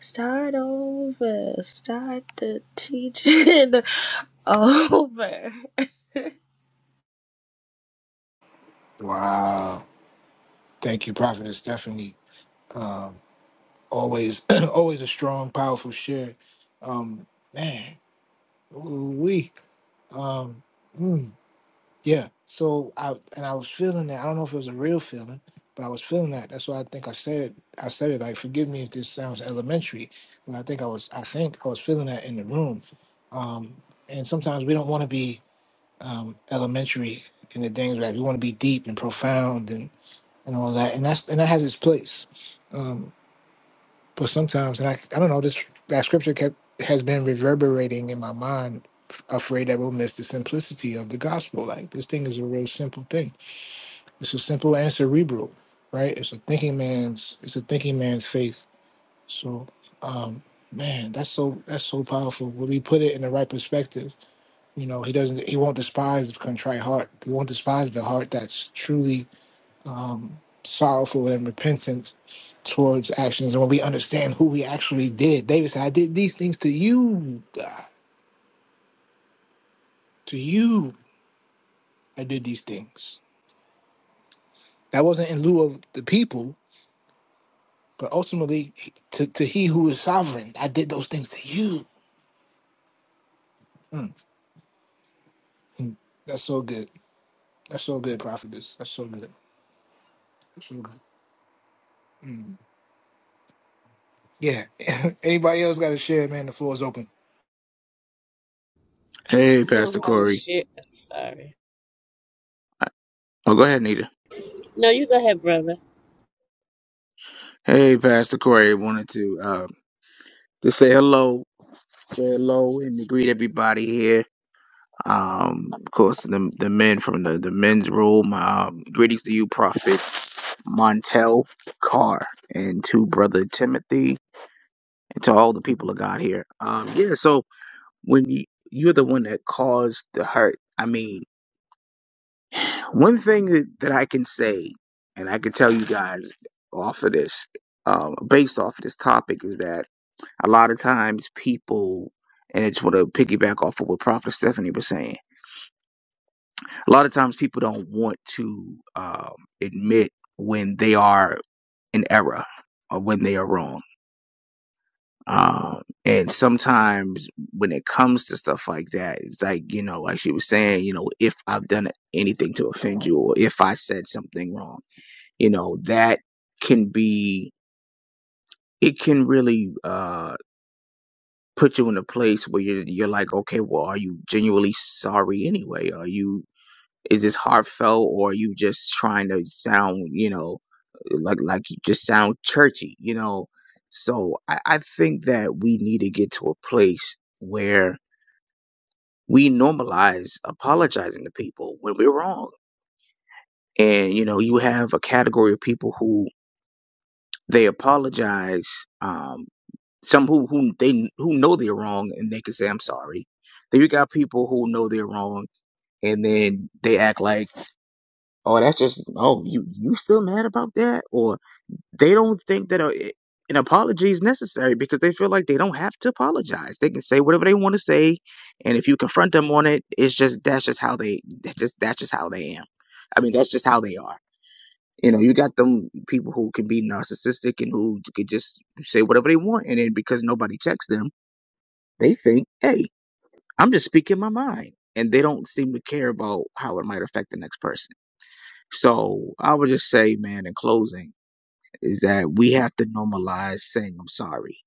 S5: start over. Start the teaching over.
S2: Wow. Thank you, Prophetess Stephanie. Um, always, always a strong, powerful share. Um, man, we. Um, hmm. Yeah. So I and I was feeling that. I don't know if it was a real feeling, but I was feeling that. That's why I think I said it. I said it like, forgive me if this sounds elementary, but I think I was I think I was feeling that in the room. Um, and sometimes we don't want to be um, elementary in the things that we want to be deep and profound and, and all that. And that's and that has its place. um, but sometimes, and I, I don't know, this that scripture kept has been reverberating in my mind, f- afraid that we'll miss the simplicity of the gospel. Like this thing is a real simple thing. It's a simple and cerebral, right? It's a thinking man's. It's a thinking man's faith. So, um, man, that's so that's so powerful. When we put it in the right perspective, you know, he doesn't. He won't despise the contrite heart. He won't despise the heart that's truly um, sorrowful and repentant towards actions. And when we understand who we actually did, David said, I did these things to you, God. To you, I did these things. That wasn't in lieu of the people, but ultimately to, to he who is sovereign. I did those things to you. Mm, that's so good. That's so good, prophetess. That's so good. That's so good. Mm. Yeah. Anybody else got to share, man? The floor is open.
S6: Hey,
S1: i
S6: Pastor
S1: don't have a
S6: Corey.
S1: shit I'm sorry
S6: Oh, go ahead, Nita.
S1: No, you go ahead, brother.
S6: Hey, Pastor Corey. Wanted to uh, just say hello, say hello, and to greet everybody here. Um, of course, the the men from the the men's room. Um, greetings to you, Prophet Montel Carr, and to Brother Timothy, and to all the people of God here. Um, yeah. So when you you're the one that caused the hurt. I mean. One thing that that I can say, and I can tell you guys off of this, um, based off of this topic, is that a lot of times people, and I just want to piggyback off of what Prophet Stephanie was saying, a lot of times people don't want to um, admit when they are in error or when they are wrong. Um, and sometimes when it comes to stuff like that, it's like, you know, like she was saying, you know, if I've done anything to offend you or if I said something wrong you know that can be it can really uh put you in a place where you're you're like okay well are you genuinely sorry anyway are you is this heartfelt or are you just trying to sound you know like like you just sound churchy you know so I, I think that we need to get to a place where we normalize apologizing to people when we're wrong and you know you have a category of people who they apologize um, Some who who they who know they're wrong and they can say I'm sorry. Then you got people who know they're wrong and then they act like, oh, that's just oh you you still mad about that, or they don't think that a, an apology is necessary because they feel like they don't have to apologize. They can say whatever they want to say, and if you confront them on it, it's just that's just how they that just that's just how they am. I mean, that's just how they are. You know, you got them people who can be narcissistic and who could just say whatever they want, and then because nobody checks them they think, hey, I'm just speaking my mind. And they don't seem to care about how it might affect the next person. So I would just say, man, in closing, is that we have to normalize saying I'm sorry.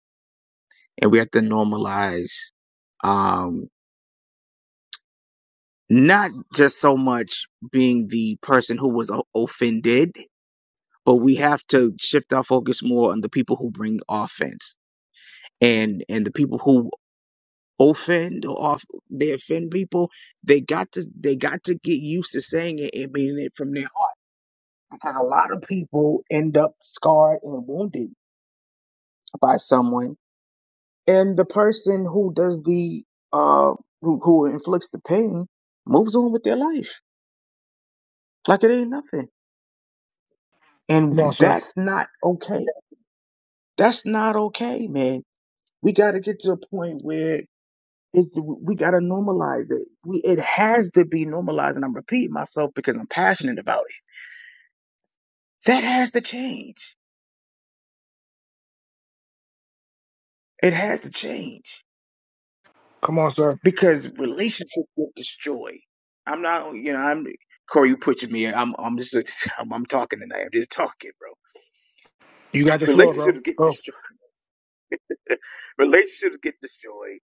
S6: And we have to normalize um not just so much being the person who was o- offended but we have to shift our focus more on the people who bring offense and and the people who offend or off they offend people they got to they got to get used to saying it and meaning it from their heart because a lot of people end up scarred and wounded by someone and the person who does the uh who, who inflicts the pain moves on with their life like it ain't nothing
S2: Come on,
S6: and
S2: sir.
S6: that's not okay that's not okay man we got to get to a point where it's we got to normalize it we it has to be normalized and i'm repeating myself because i'm passionate about it That has to change. It has to change
S2: Come on, sir.
S6: because relationships get destroyed. I'm not, you know, I'm Corey. You pushing me. I'm, I'm just, I'm, I'm talking tonight. I'm just talking, bro.
S2: You got the floor, bro.
S6: Relationships get
S2: Go.
S6: destroyed. relationships get destroyed.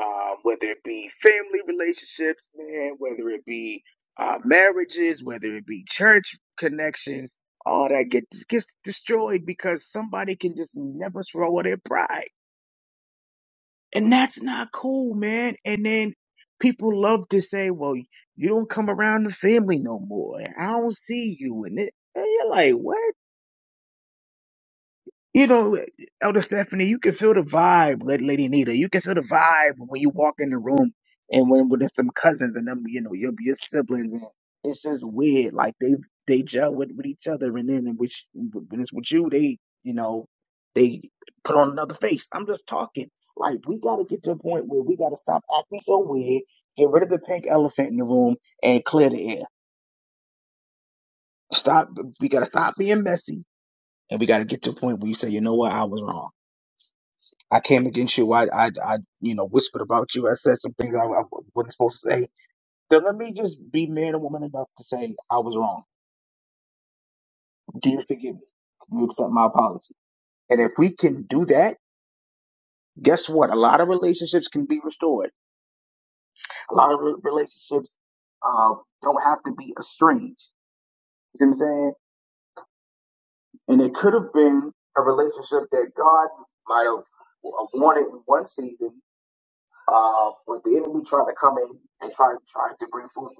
S6: Um, whether it be family relationships, man, whether it be uh, marriages, whether it be church connections, all that gets gets destroyed because somebody can just never swallow their pride And that's not cool, man. And then people love to say, well, you don't come around the family no more. I don't see you. And, it, and you're like, what? You know, Elder Stephanie, you can feel the vibe, La- Lady Nita. You can feel the vibe when you walk in the room and when when there's some cousins and them, you know, your your siblings, and it's just weird. Like they they gel with, with each other, and then which when it's with you, they you know they put on another face. I'm just talking. Like we gotta get to a point where we gotta stop acting so weird, get rid of the pink elephant in the room, and clear the air. Stop. We gotta stop being messy, and we gotta get to a point where you say, you know what, I was wrong. I came against you. I, I, I, you know, whispered about you. I said some things I, I wasn't supposed to say. Then let me just be man and woman enough to say I was wrong. Do you forgive me? Can you accept my apology? And if we can do that, guess what? A lot of relationships can be restored. A lot of re- relationships uh, don't have to be estranged. You see what I'm saying? And it could have been a relationship that God might have wanted in one season, uh, but the enemy tried to come in and try, tried to bring fruit.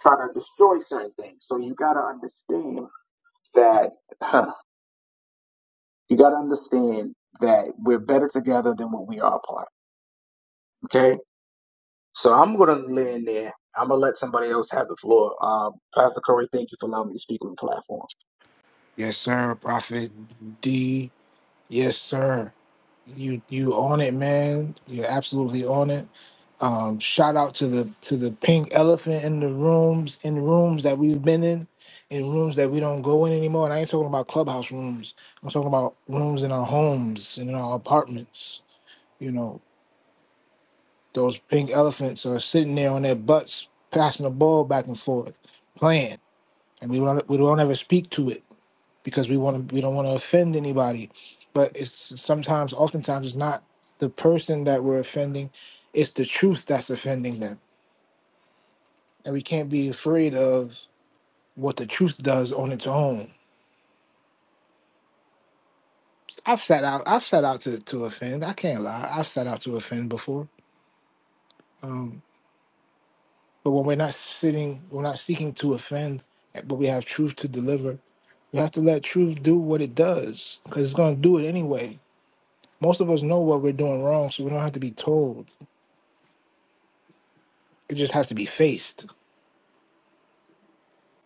S6: try to destroy certain things. So you got to understand that huh, you got to understand that we're better together than what we are apart. Okay. So I'm gonna lay in there. I'm gonna let somebody else have the floor. Um, Pastor Corey, thank you for allowing me to speak on the platform.
S2: Yes, sir, Prophet D. Yes, sir. You you on it, man. You're absolutely on it. Um, shout out to the to the pink elephant in the rooms in rooms that we've been in, in rooms that we don't go in anymore. And I ain't talking about clubhouse rooms. I'm talking about rooms in our homes and in our apartments. You know, those pink elephants are sitting there on their butts, passing the ball back and forth, playing, and we don't we don't ever speak to it because we want to we don't want to offend anybody but it's sometimes oftentimes it's not the person that we're offending it's the truth that's offending them and we can't be afraid of what the truth does on its own i've sat out i've sat out to, to offend i can't lie i've sat out to offend before um, but when we're not sitting we're not seeking to offend but we have truth to deliver we have to let truth do what it does because it's going to do it anyway most of us know what we're doing wrong so we don't have to be told It just has to be faced.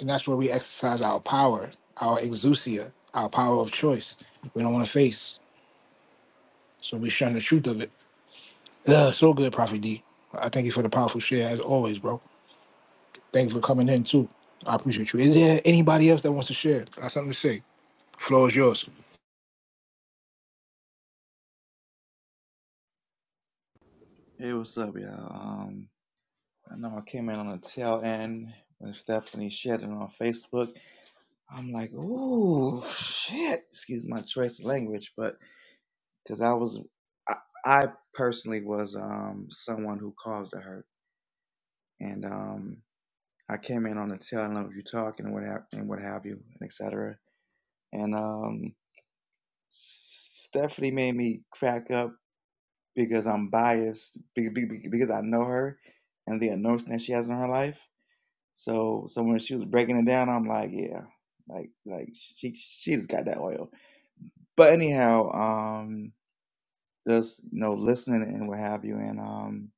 S2: And that's where we exercise our power, our exousia, our power of choice. We don't want to face. So we shun the truth of it. Ugh, so good, Prophet D. I thank you for the powerful share as always, bro. Thanks for coming in too. I appreciate you. Is there anybody else that wants to share? Got something to say? Floor is yours.
S7: Hey, what's up, y'all? Um, I know I came in on the tail end when Stephanie shared it on Facebook. I'm like, ooh, shit. Excuse my choice of language, but because I was, I, I personally was um someone who caused the hurt, and um I came in on the tail end of you talking and what have and what have you, and et cetera. And um, Stephanie made me crack up because I'm biased be- be- be- because I know her and the notion that she has in her life So so when she was breaking it down, I'm like, yeah, like like she she's got that oil. But anyhow, um, just you know, listening and what have you, and um,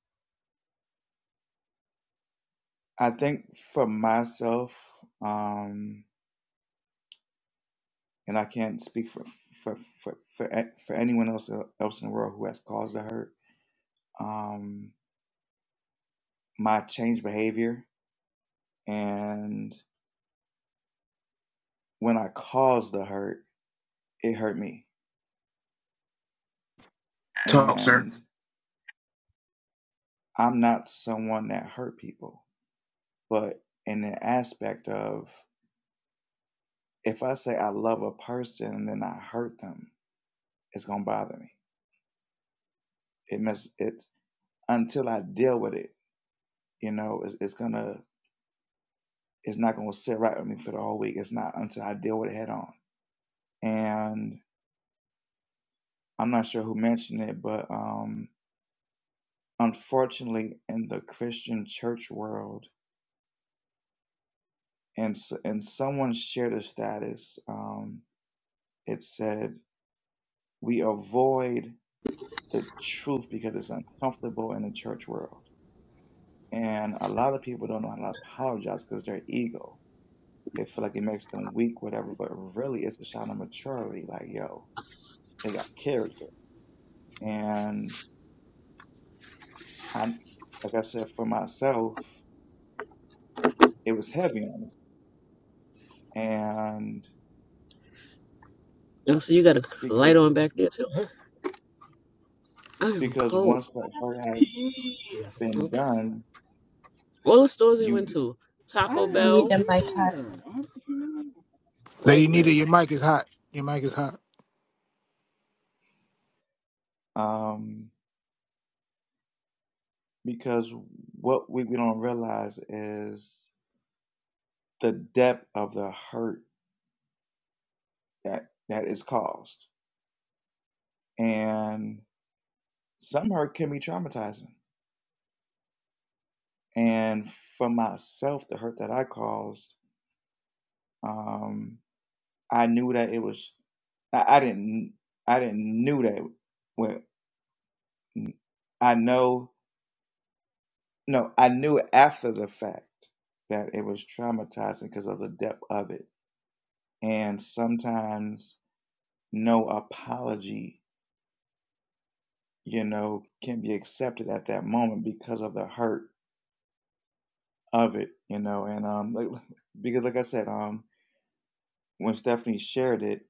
S7: I think for myself, um, and I can't speak for for for for, a- for anyone else uh, else in the world who has caused the hurt. Um, my changed behavior, and when I caused the hurt, it hurt me,
S2: Talk, sir.
S7: and I'm not someone that hurt people but in the aspect of if I say I love a person and then I hurt them, it's gonna bother me. It must. It's until I deal with it. You know, it's, it's gonna. It's not gonna sit right with me for the whole week. It's not until I deal with it head on. And I'm not sure who mentioned it, but um, unfortunately, in the Christian church world, and and someone shared a status. Um, it said we avoid the truth because it's uncomfortable in the church world. And a lot of people don't know how to apologize because their ego. They feel like it makes them weak, whatever, but really it's a sign of maturity. Like, yo, they got character. And I, like I said, for myself, it was heavy on me. And
S1: oh so you got a light
S7: because,
S1: on back there too huh? i am
S7: because
S1: cold
S7: once that hurt has
S1: Yeah.
S7: been
S1: okay
S7: done,
S1: all the stores we
S7: you,
S1: went to I taco didn't have to bell
S5: Need a
S1: be
S5: mic
S1: there. I don't have to be there.
S2: Lady
S1: wegman
S2: Nita, your mic is hot. Your mic is hot.
S7: um, because what we, we don't realize is the depth of the hurt that that is caused and some hurt can be traumatizing and for myself the hurt that i caused um i knew that it was i, I didn't i didn't knew that when i know no i knew after the fact that it was traumatizing because of the depth of it and sometimes no apology you know can be accepted at that moment because of the hurt of it, you know. And um, like, like, because like I said, um, when Stephanie shared it,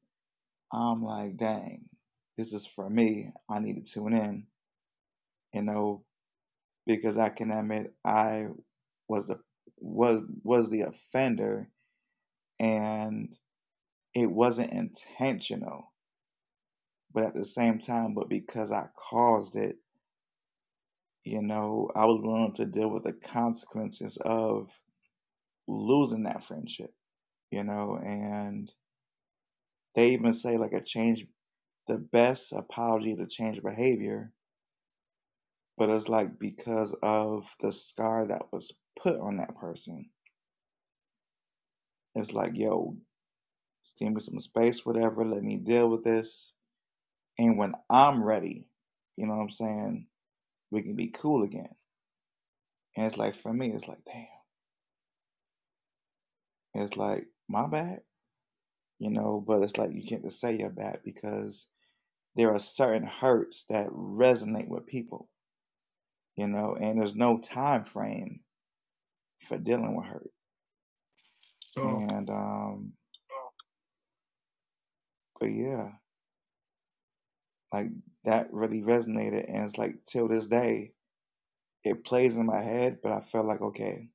S7: I'm like, dang, this is for me. I need to tune in, you know, because I can admit I was the was was the offender, and it wasn't intentional. But at the same time, but because I caused it, you know, I was willing to deal with the consequences of losing that friendship, you know, and they even say like a change the best apology to change behavior, but it's like because of the scar that was put on that person. It's like, yo, give me some space, whatever, let me deal with this. And when I'm ready, you know what I'm saying, we can be cool again. And it's like for me, it's like, damn. It's like, my bad, you know, but it's like you can't just say your bad because there are certain hurts that resonate with people, you know, and there's no time frame for dealing with hurt
S2: Talk.
S7: And um, but yeah, like that really resonated, and it's like till this day it plays in my head. But I felt like okay,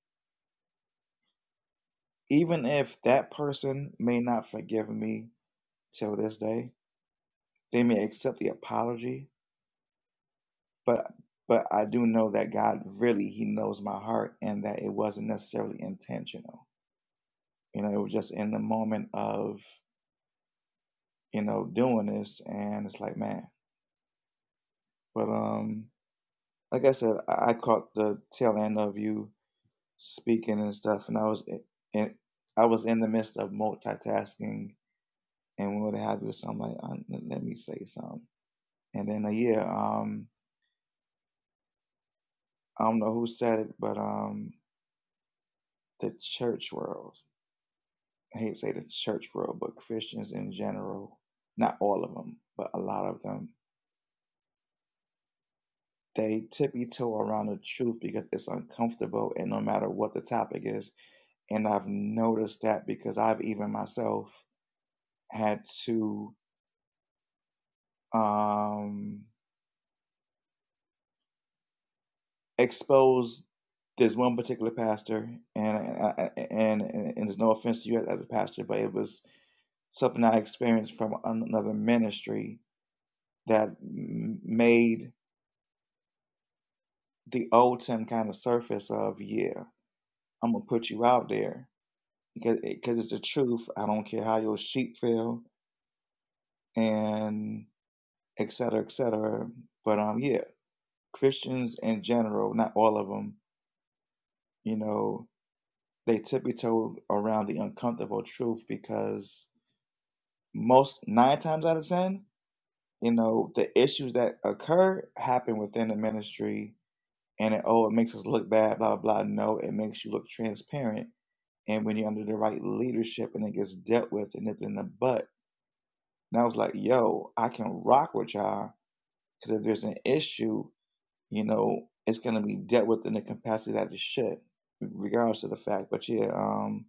S7: even if that person may not forgive me till this day, they may accept the apology, but but I do know that God really He knows my heart, and that it wasn't necessarily intentional. You know, it was just in the moment of you know doing this, and it's like man, but um. Like I said, I I caught the tail end of you speaking and stuff, and I was in, in- I was in the midst of multitasking and what have you. So I'm like, uh, let me say something. And then uh, yeah, um, I don't know who said it, but um, the church world. I hate to say the church world, but Christians in general, not all of them, but a lot of them, they tiptoe around the truth because it's uncomfortable, and no matter what the topic is, and I've noticed that because I've even myself had to um exposed this one particular pastor, and and, and and and there's no offense to you as a pastor, but it was something I experienced from another ministry that made the old Tim kind of surface of, yeah, I'm gonna put you out there because because it's the truth. I don't care how your sheep feel and et cetera, et cetera. But um, yeah, Christians in general, not all of them, you know, they tiptoe around the uncomfortable truth because most nine times out of ten, you know, the issues that occur happen within the ministry and it, oh, it makes us look bad, blah, blah. No, it makes you look transparent. And when you're under the right leadership and it gets dealt with and nipped in the butt, and I was like, yo, I can rock with y'all because if there's an issue, you know, it's going to be dealt with in the capacity that it should, regardless of the fact. But yeah, um,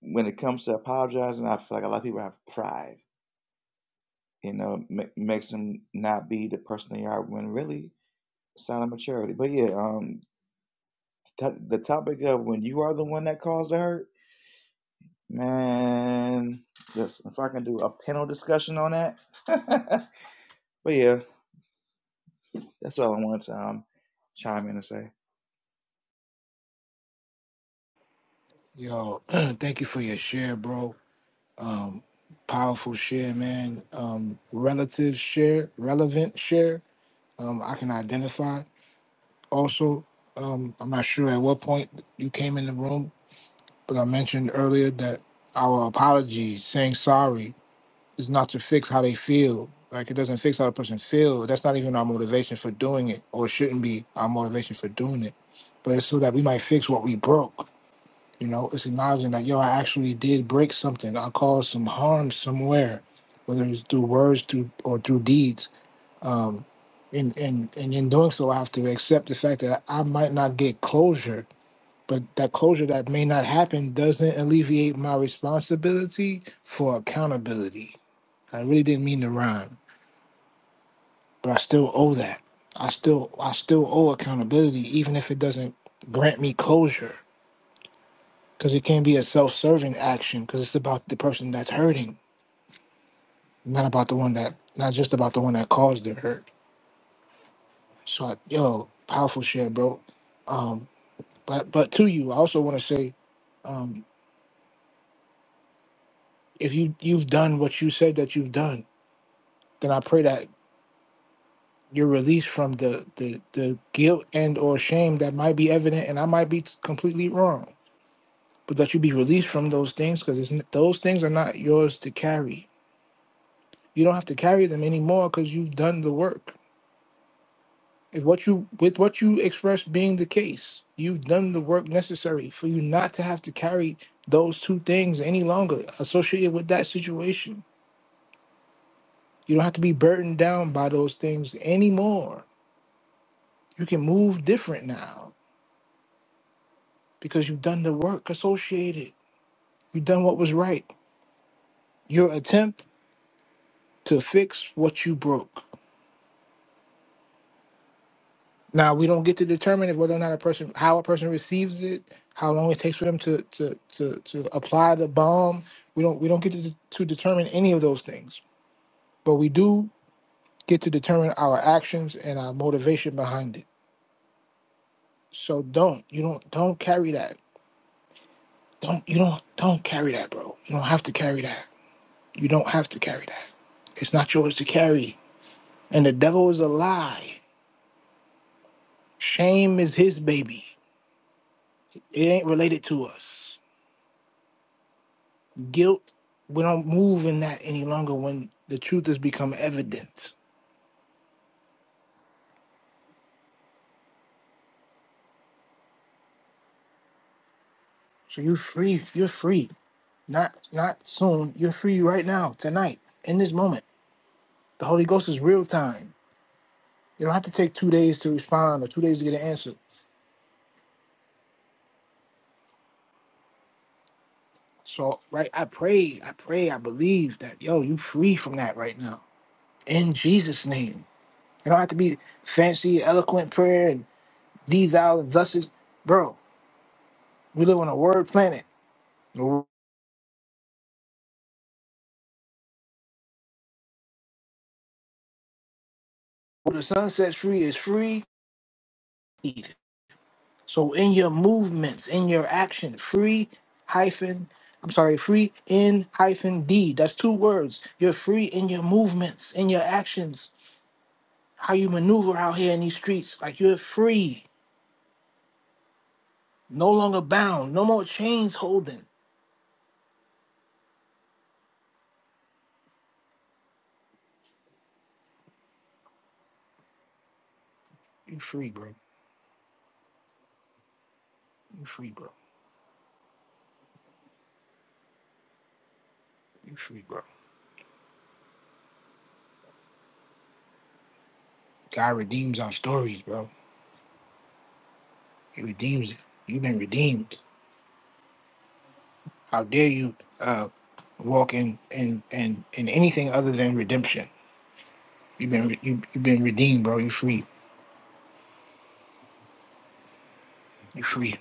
S7: when it comes to apologizing, I feel like a lot of people have pride, you know, ma- makes them not be the person they are when really it's not a maturity. But yeah, um, t- the topic of when you are the one that caused the hurt, man, just if I can do a panel discussion on that. but yeah, that's all I wanted to um, chime in and say.
S2: Yo, thank you for your share, bro. Um, powerful share, man. Um, relative share, relevant share um, I can identify. Also, um, I'm not sure at what point you came in the room, but I mentioned earlier that our apology, saying sorry, is not to fix how they feel. Like it doesn't fix how the person feels. That's not even our motivation for doing it, or shouldn't be our motivation for doing it. But it's so that we might fix what we broke. You know, it's acknowledging that yo, I actually did break something. I caused some harm somewhere, whether it's through words, through or through deeds um, and and and in doing so, I have to accept the fact that I might not get closure, but that closure that may not happen doesn't alleviate my responsibility for accountability. I really didn't mean to rhyme, but I still owe that. I still I still owe accountability, even if it doesn't grant me closure, because it can be a self-serving action, because it's about the person that's hurting, not about the one that not just about the one that caused the hurt. So, I, yo, powerful shit, bro. Um, But but to you, I also want to say, um, if you you've done what you said that you've done, then I pray that you're released from the the the guilt and or shame that might be evident, and I might be completely wrong, but that you be released from those things because those things are not yours to carry. You don't have to carry them anymore because you've done the work. If what you with what you express being the case, you've done the work necessary for you not to have to carry those two things any longer associated with that situation You don't have to be burdened down by those things anymore. You can move different now because you've done the work associated. You've done what was right. Your attempt to fix what you broke. Now we don't get to determine if whether or not a person how a person receives it, how long it takes for them to to to, to apply the bomb. We don't we don't get to, to determine any of those things. But we do get to determine our actions and our motivation behind it. So don't you don't don't carry that Don't you don't don't carry that, bro. You don't have to carry that. You don't have to carry that. It's not yours to carry. And the devil is a lie. Shame is his baby. It ain't related to us. Guilt, we don't move in that any longer when the truth has become evident. So you're free. You're free. Not not soon. You're free right now, tonight, in this moment. The Holy Ghost is real time. You don't have to take two days to respond or two days to get an answer. So, right, I pray, I pray, I believe that, yo, you free from that right now. In Jesus' name. It don't have to be fancy, eloquent prayer and these out and thus is bro. We live on a word planet. Where the sun sets free is free. So in your movements, in your action, free hyphen, I'm sorry, free in hyphen D. That's two words. You're free in your movements, in your actions, how you maneuver out here in these streets. Like you're free. No longer bound. No more chains holding. You free, bro. You free, bro. You free, bro. God redeems our stories, bro. He redeems it. You've been redeemed. How dare you uh, walk in, in in in anything other than redemption? You've been re- you, you've been redeemed, bro. You free. You free.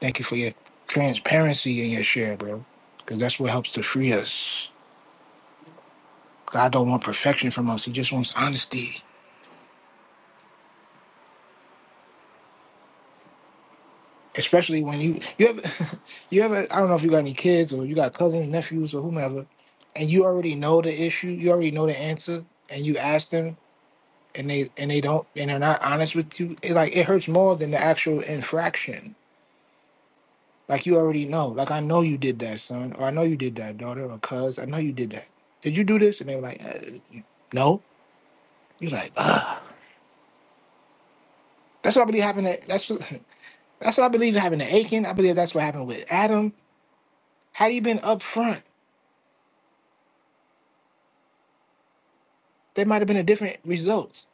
S2: Thank you for your transparency and your share, bro. Because that's what helps to free us. God don't want perfection from us. He just wants honesty. especially when you you ever you ever I don't know if you got any kids or you got cousins, nephews, or whomever, and you already know the issue, you already know the answer, and you ask them, and they and they don't, and they're not honest with you. It like it hurts more than the actual infraction. Like you already know. Like I know you did that, son, or I know you did that, daughter, or cuz. I know you did that. Did you do this? And they were like, uh, no. You're like, ah. That's what I believe happened. To, that's what, that's what I believe happened to Achan. I believe that's what happened with Adam. Had he been upfront? there might have been a different results.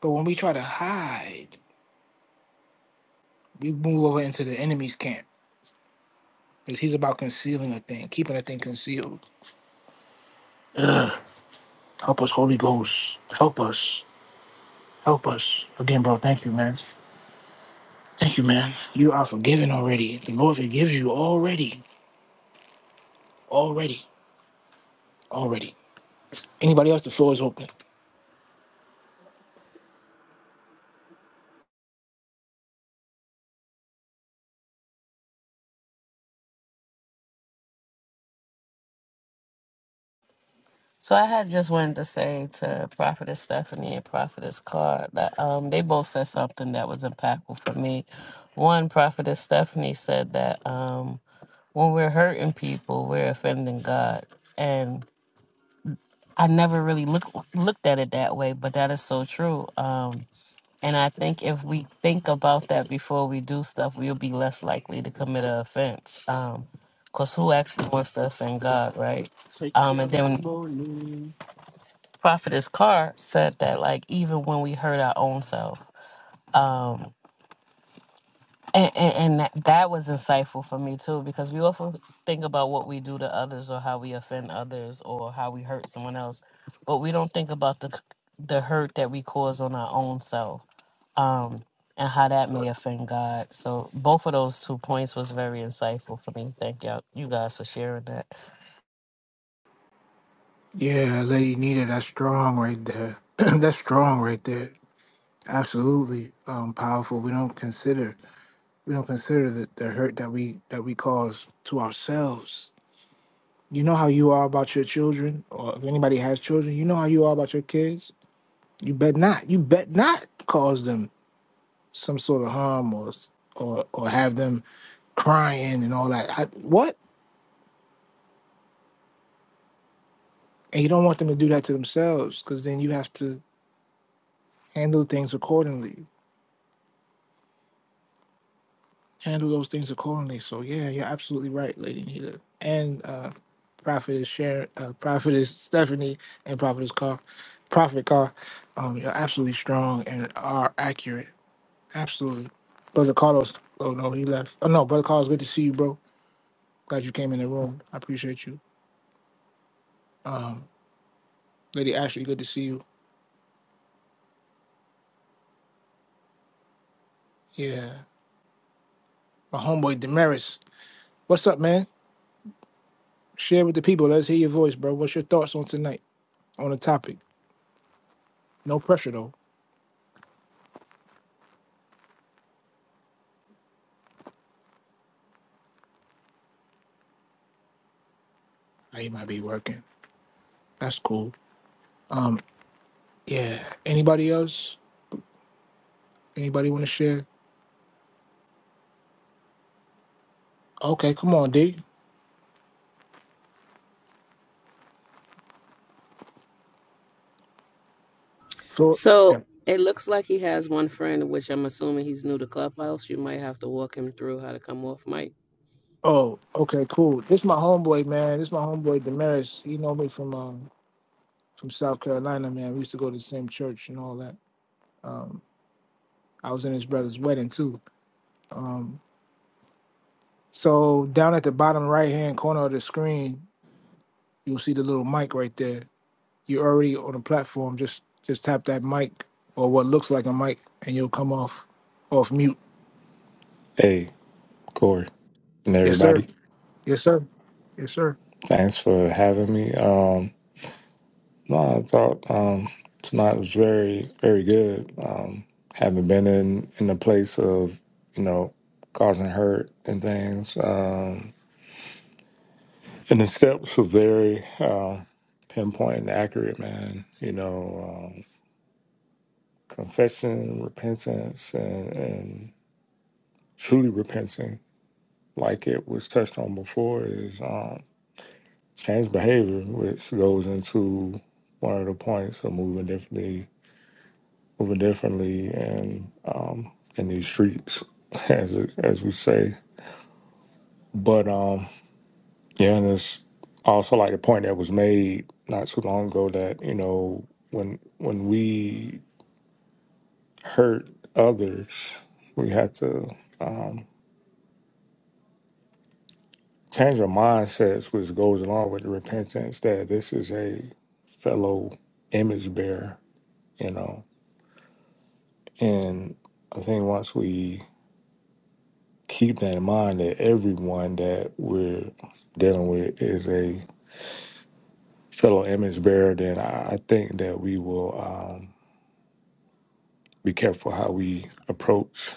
S2: But when we try to hide, we move over into the enemy's camp because he's about concealing a thing, keeping a thing concealed. Help us, Holy Ghost. Help us. Help us. Again, bro, thank you, man. Thank you, man. You are forgiven already. The Lord forgives you already. Already. Already. Anybody else? The floor is open.
S1: So I had just wanted to say to Prophetess Stephanie and Prophetess Carr that um, they both said something that was impactful for me. One, Prophetess Stephanie said that um, when we're hurting people, we're offending God, and I never really look looked at it that way, but that is so true. Um, and I think if we think about that before we do stuff, we'll be less likely to commit an offense. Um, Cause who actually wants to offend God, right? Um, and then prophetess Carr said that like even when we hurt our own self, um, and, and, and that, that was insightful for me too because we often think about what we do to others or how we offend others or how we hurt someone else, but we don't think about the the hurt that we cause on our own self. Um, and how that may offend God. So both of those two points was very insightful for me. Thank y'all, you guys for sharing that.
S2: Yeah, Lady Nita, that's strong right there. that's strong right there. Absolutely um, powerful. We don't consider. we don't consider the, the hurt that we that we cause to ourselves. You know how you are about your children, or if anybody has children, you know how you are about your kids. You bet not. You bet not cause them some sort of harm or or or have them crying and all that. I, what? And you don't want them to do that to themselves because then you have to handle things accordingly. handle those things accordingly. So yeah, you're absolutely right, Lady Nita, and uh, Prophet is Sharon, uh, Prophet is Stephanie, and Prophet is Car, Prophet Car. Um, you're absolutely strong and are accurate. Absolutely, Brother Carlos. Oh no, he left. Oh no, Brother Carlos, good to see you, bro. Glad you came in the room. I appreciate you. Um, Lady Ashley, good to see you. Yeah, my homeboy Damaris. What's up, man? Share with the people. Let's hear your voice, bro. What's your thoughts on tonight on the topic? No pressure though. He might be working. That's cool. Um, yeah. Anybody else? Anybody want to share? Okay, come on, D. So,
S1: So
S2: yeah.
S1: it looks like he has one friend, which I'm assuming he's new to Clubhouse. You might have to walk him through how to come off mic.
S2: Oh, okay, cool. This my homeboy, man. This my homeboy Damaris. He know me from um from South Carolina, man. We used to go to the same church and all that. Um, I was in his brother's wedding too. Um, so down at the bottom right hand corner of the screen, you'll see the little mic right there. You're already on the platform. Just just tap that mic or what looks like a mic, and you'll come off off mute.
S8: Hey, Corey, and
S2: Yes, sir.
S8: everybody.
S2: Yes, sir. Yes, sir.
S8: Thanks for having me. Um, no, I thought um, tonight was very, very good. Um, having been in in the place of you know causing hurt and things, um, and the steps were very uh, pinpoint and accurate, man. You know, um, confession, repentance, and, and truly repenting, like it was touched on before, is. um, Change behavior, which goes into one of the points of moving differently, moving differently, and um, in these streets, as it, as we say. But um, yeah, and it's also like the point that was made not too long ago that you know when when we hurt others, we have to um, change our mindsets, which goes along with the repentance that this is a fellow image bearer. You know And I think once we keep that in mind that everyone that we're dealing with is a fellow image bearer, then I I think that we will um, be careful how we approach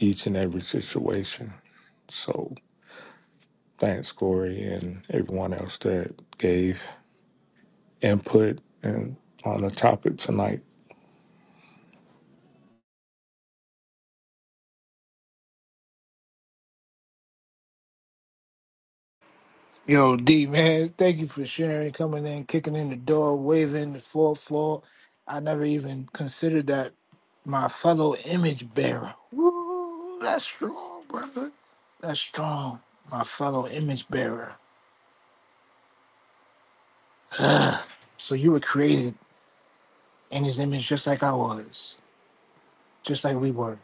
S8: each and every situation. So thanks, Corey, and everyone else that gave input and on the topic tonight.
S2: Yo, D man, thank you for sharing, coming in, kicking in the door, waving the fourth floor. I never even considered that my fellow image bearer. Woo, that's strong, brother. That's strong, my fellow image bearer. Ah, so you were created in His image, just like I was, just like we were.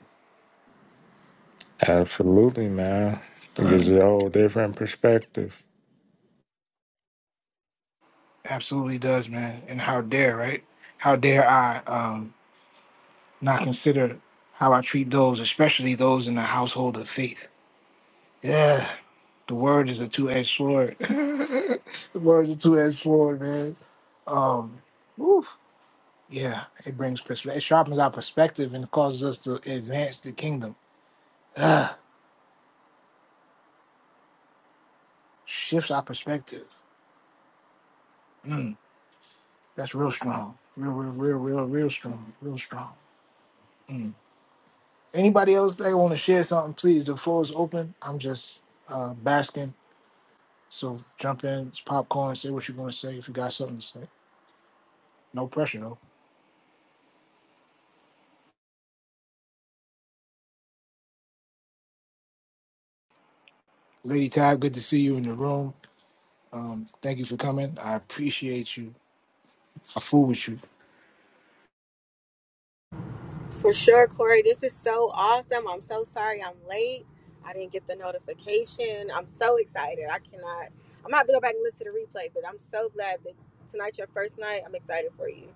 S8: Absolutely, man. I think it's
S2: Mm,
S8: a whole different perspective.
S2: absolutely does, man. And how dare, right? How dare I? Um, not consider how I treat those, especially those in the household of faith. Yeah, the word is a two edged sword. the word is a two edged sword, man. Um, oof. Yeah, it brings perspective, it sharpens our perspective and causes us to advance the kingdom. Ah, shifts our perspective. Mm, that's real strong. Real, real, real, real, real strong. Real strong. Mm. Anybody else that want to share something, please. The floor is open. I'm just uh, basking So jump in, it's popcorn, say what you're going to say if you got something to say. No pressure, though. Lady Tab, good to see you in the room. Um, thank you for coming. I appreciate you. I fool with you.
S9: For sure, Corey. This is so awesome. I'm so sorry I'm late. I didn't get the notification. I'm so excited. I cannot. I'm gonna have to go back and listen to the replay, but I'm so glad that tonight's your first night. I'm excited for you.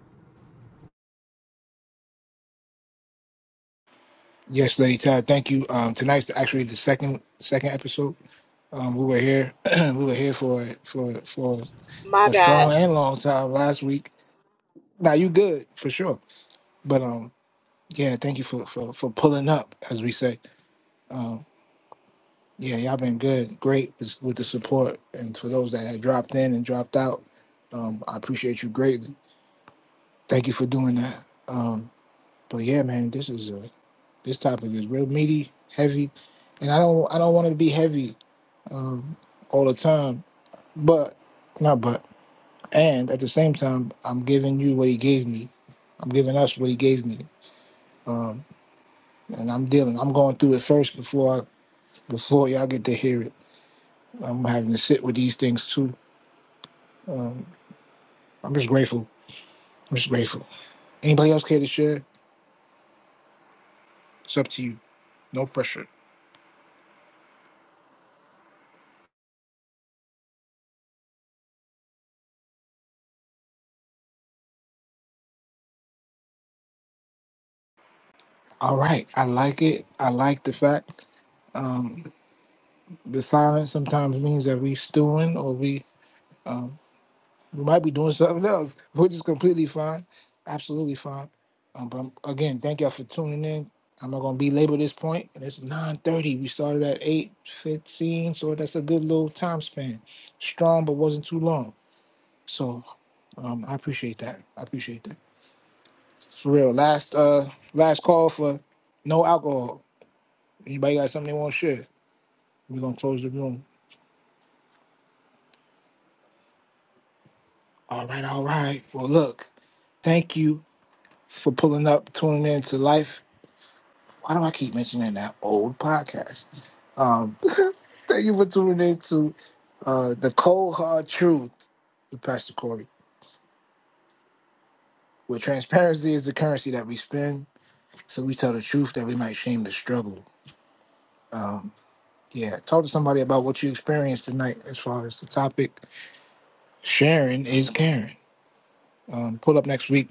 S2: Yes, Lady Tab, thank you. Um, tonight's actually the second second episode. Um, we were here, we were here for for for
S9: My
S2: a
S9: bad.
S2: strong and long time last week. Now you good for sure, but um, yeah, thank you for for for pulling up, as we say. Um, Yeah, y'all been good, great with with the support, and for those that had dropped in and dropped out, um, I appreciate you greatly. Thank you for doing that. Um, but yeah, man, this is a, this topic is real meaty, heavy, and I don't I don't want it to be heavy um, all the time, but not but and at the same time, I'm giving you what he gave me. I'm giving us what he gave me, um, and I'm dealing. I'm going through it first before I, before y'all get to hear it. I'm having to sit with these things too um, I'm just grateful. I'm just grateful. Anybody else care to share? It's up to you. No pressure. All right. I like it. I like the fact um, the silence sometimes means that we stewing or we, we might be doing something else, which is completely fine. Absolutely fine. Um, but um, again, thank y'all for tuning in. I'm not gonna belabor this point, point. and it's 9:30. We started at 8:15, so that's a good little time span. Strong, but wasn't too long. So um, I appreciate that. I appreciate that. For real. Last uh last call for no alcohol. Anybody got something they want to share? We're gonna close the room. All right, all right. Well look, thank you for pulling up, tuning in to life. Why do I keep mentioning that old podcast? Um thank you for tuning in to uh the cold hard truth with Pastor Corey. Where transparency is the currency that we spend, so we tell the truth that we might shame the struggle. Um, yeah, talk to somebody about what you experienced tonight as far as the topic Sharing is caring. Um, pull up next week.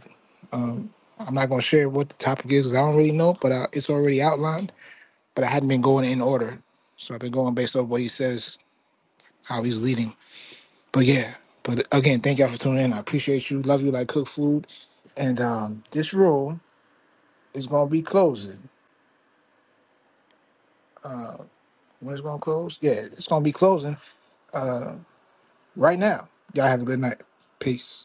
S2: Um, I'm not going to share what the topic is because I don't really know, but uh, it's already outlined. But I hadn't been going in order, so I've been going based off what he says, how he's leading. But yeah, but again, thank y'all for tuning in. I appreciate you. Love you like cook food. And um, this room is going to be closing. Uh, when it's going to close? Yeah, it's going to be closing uh, right now. Y'all have a good night. Peace.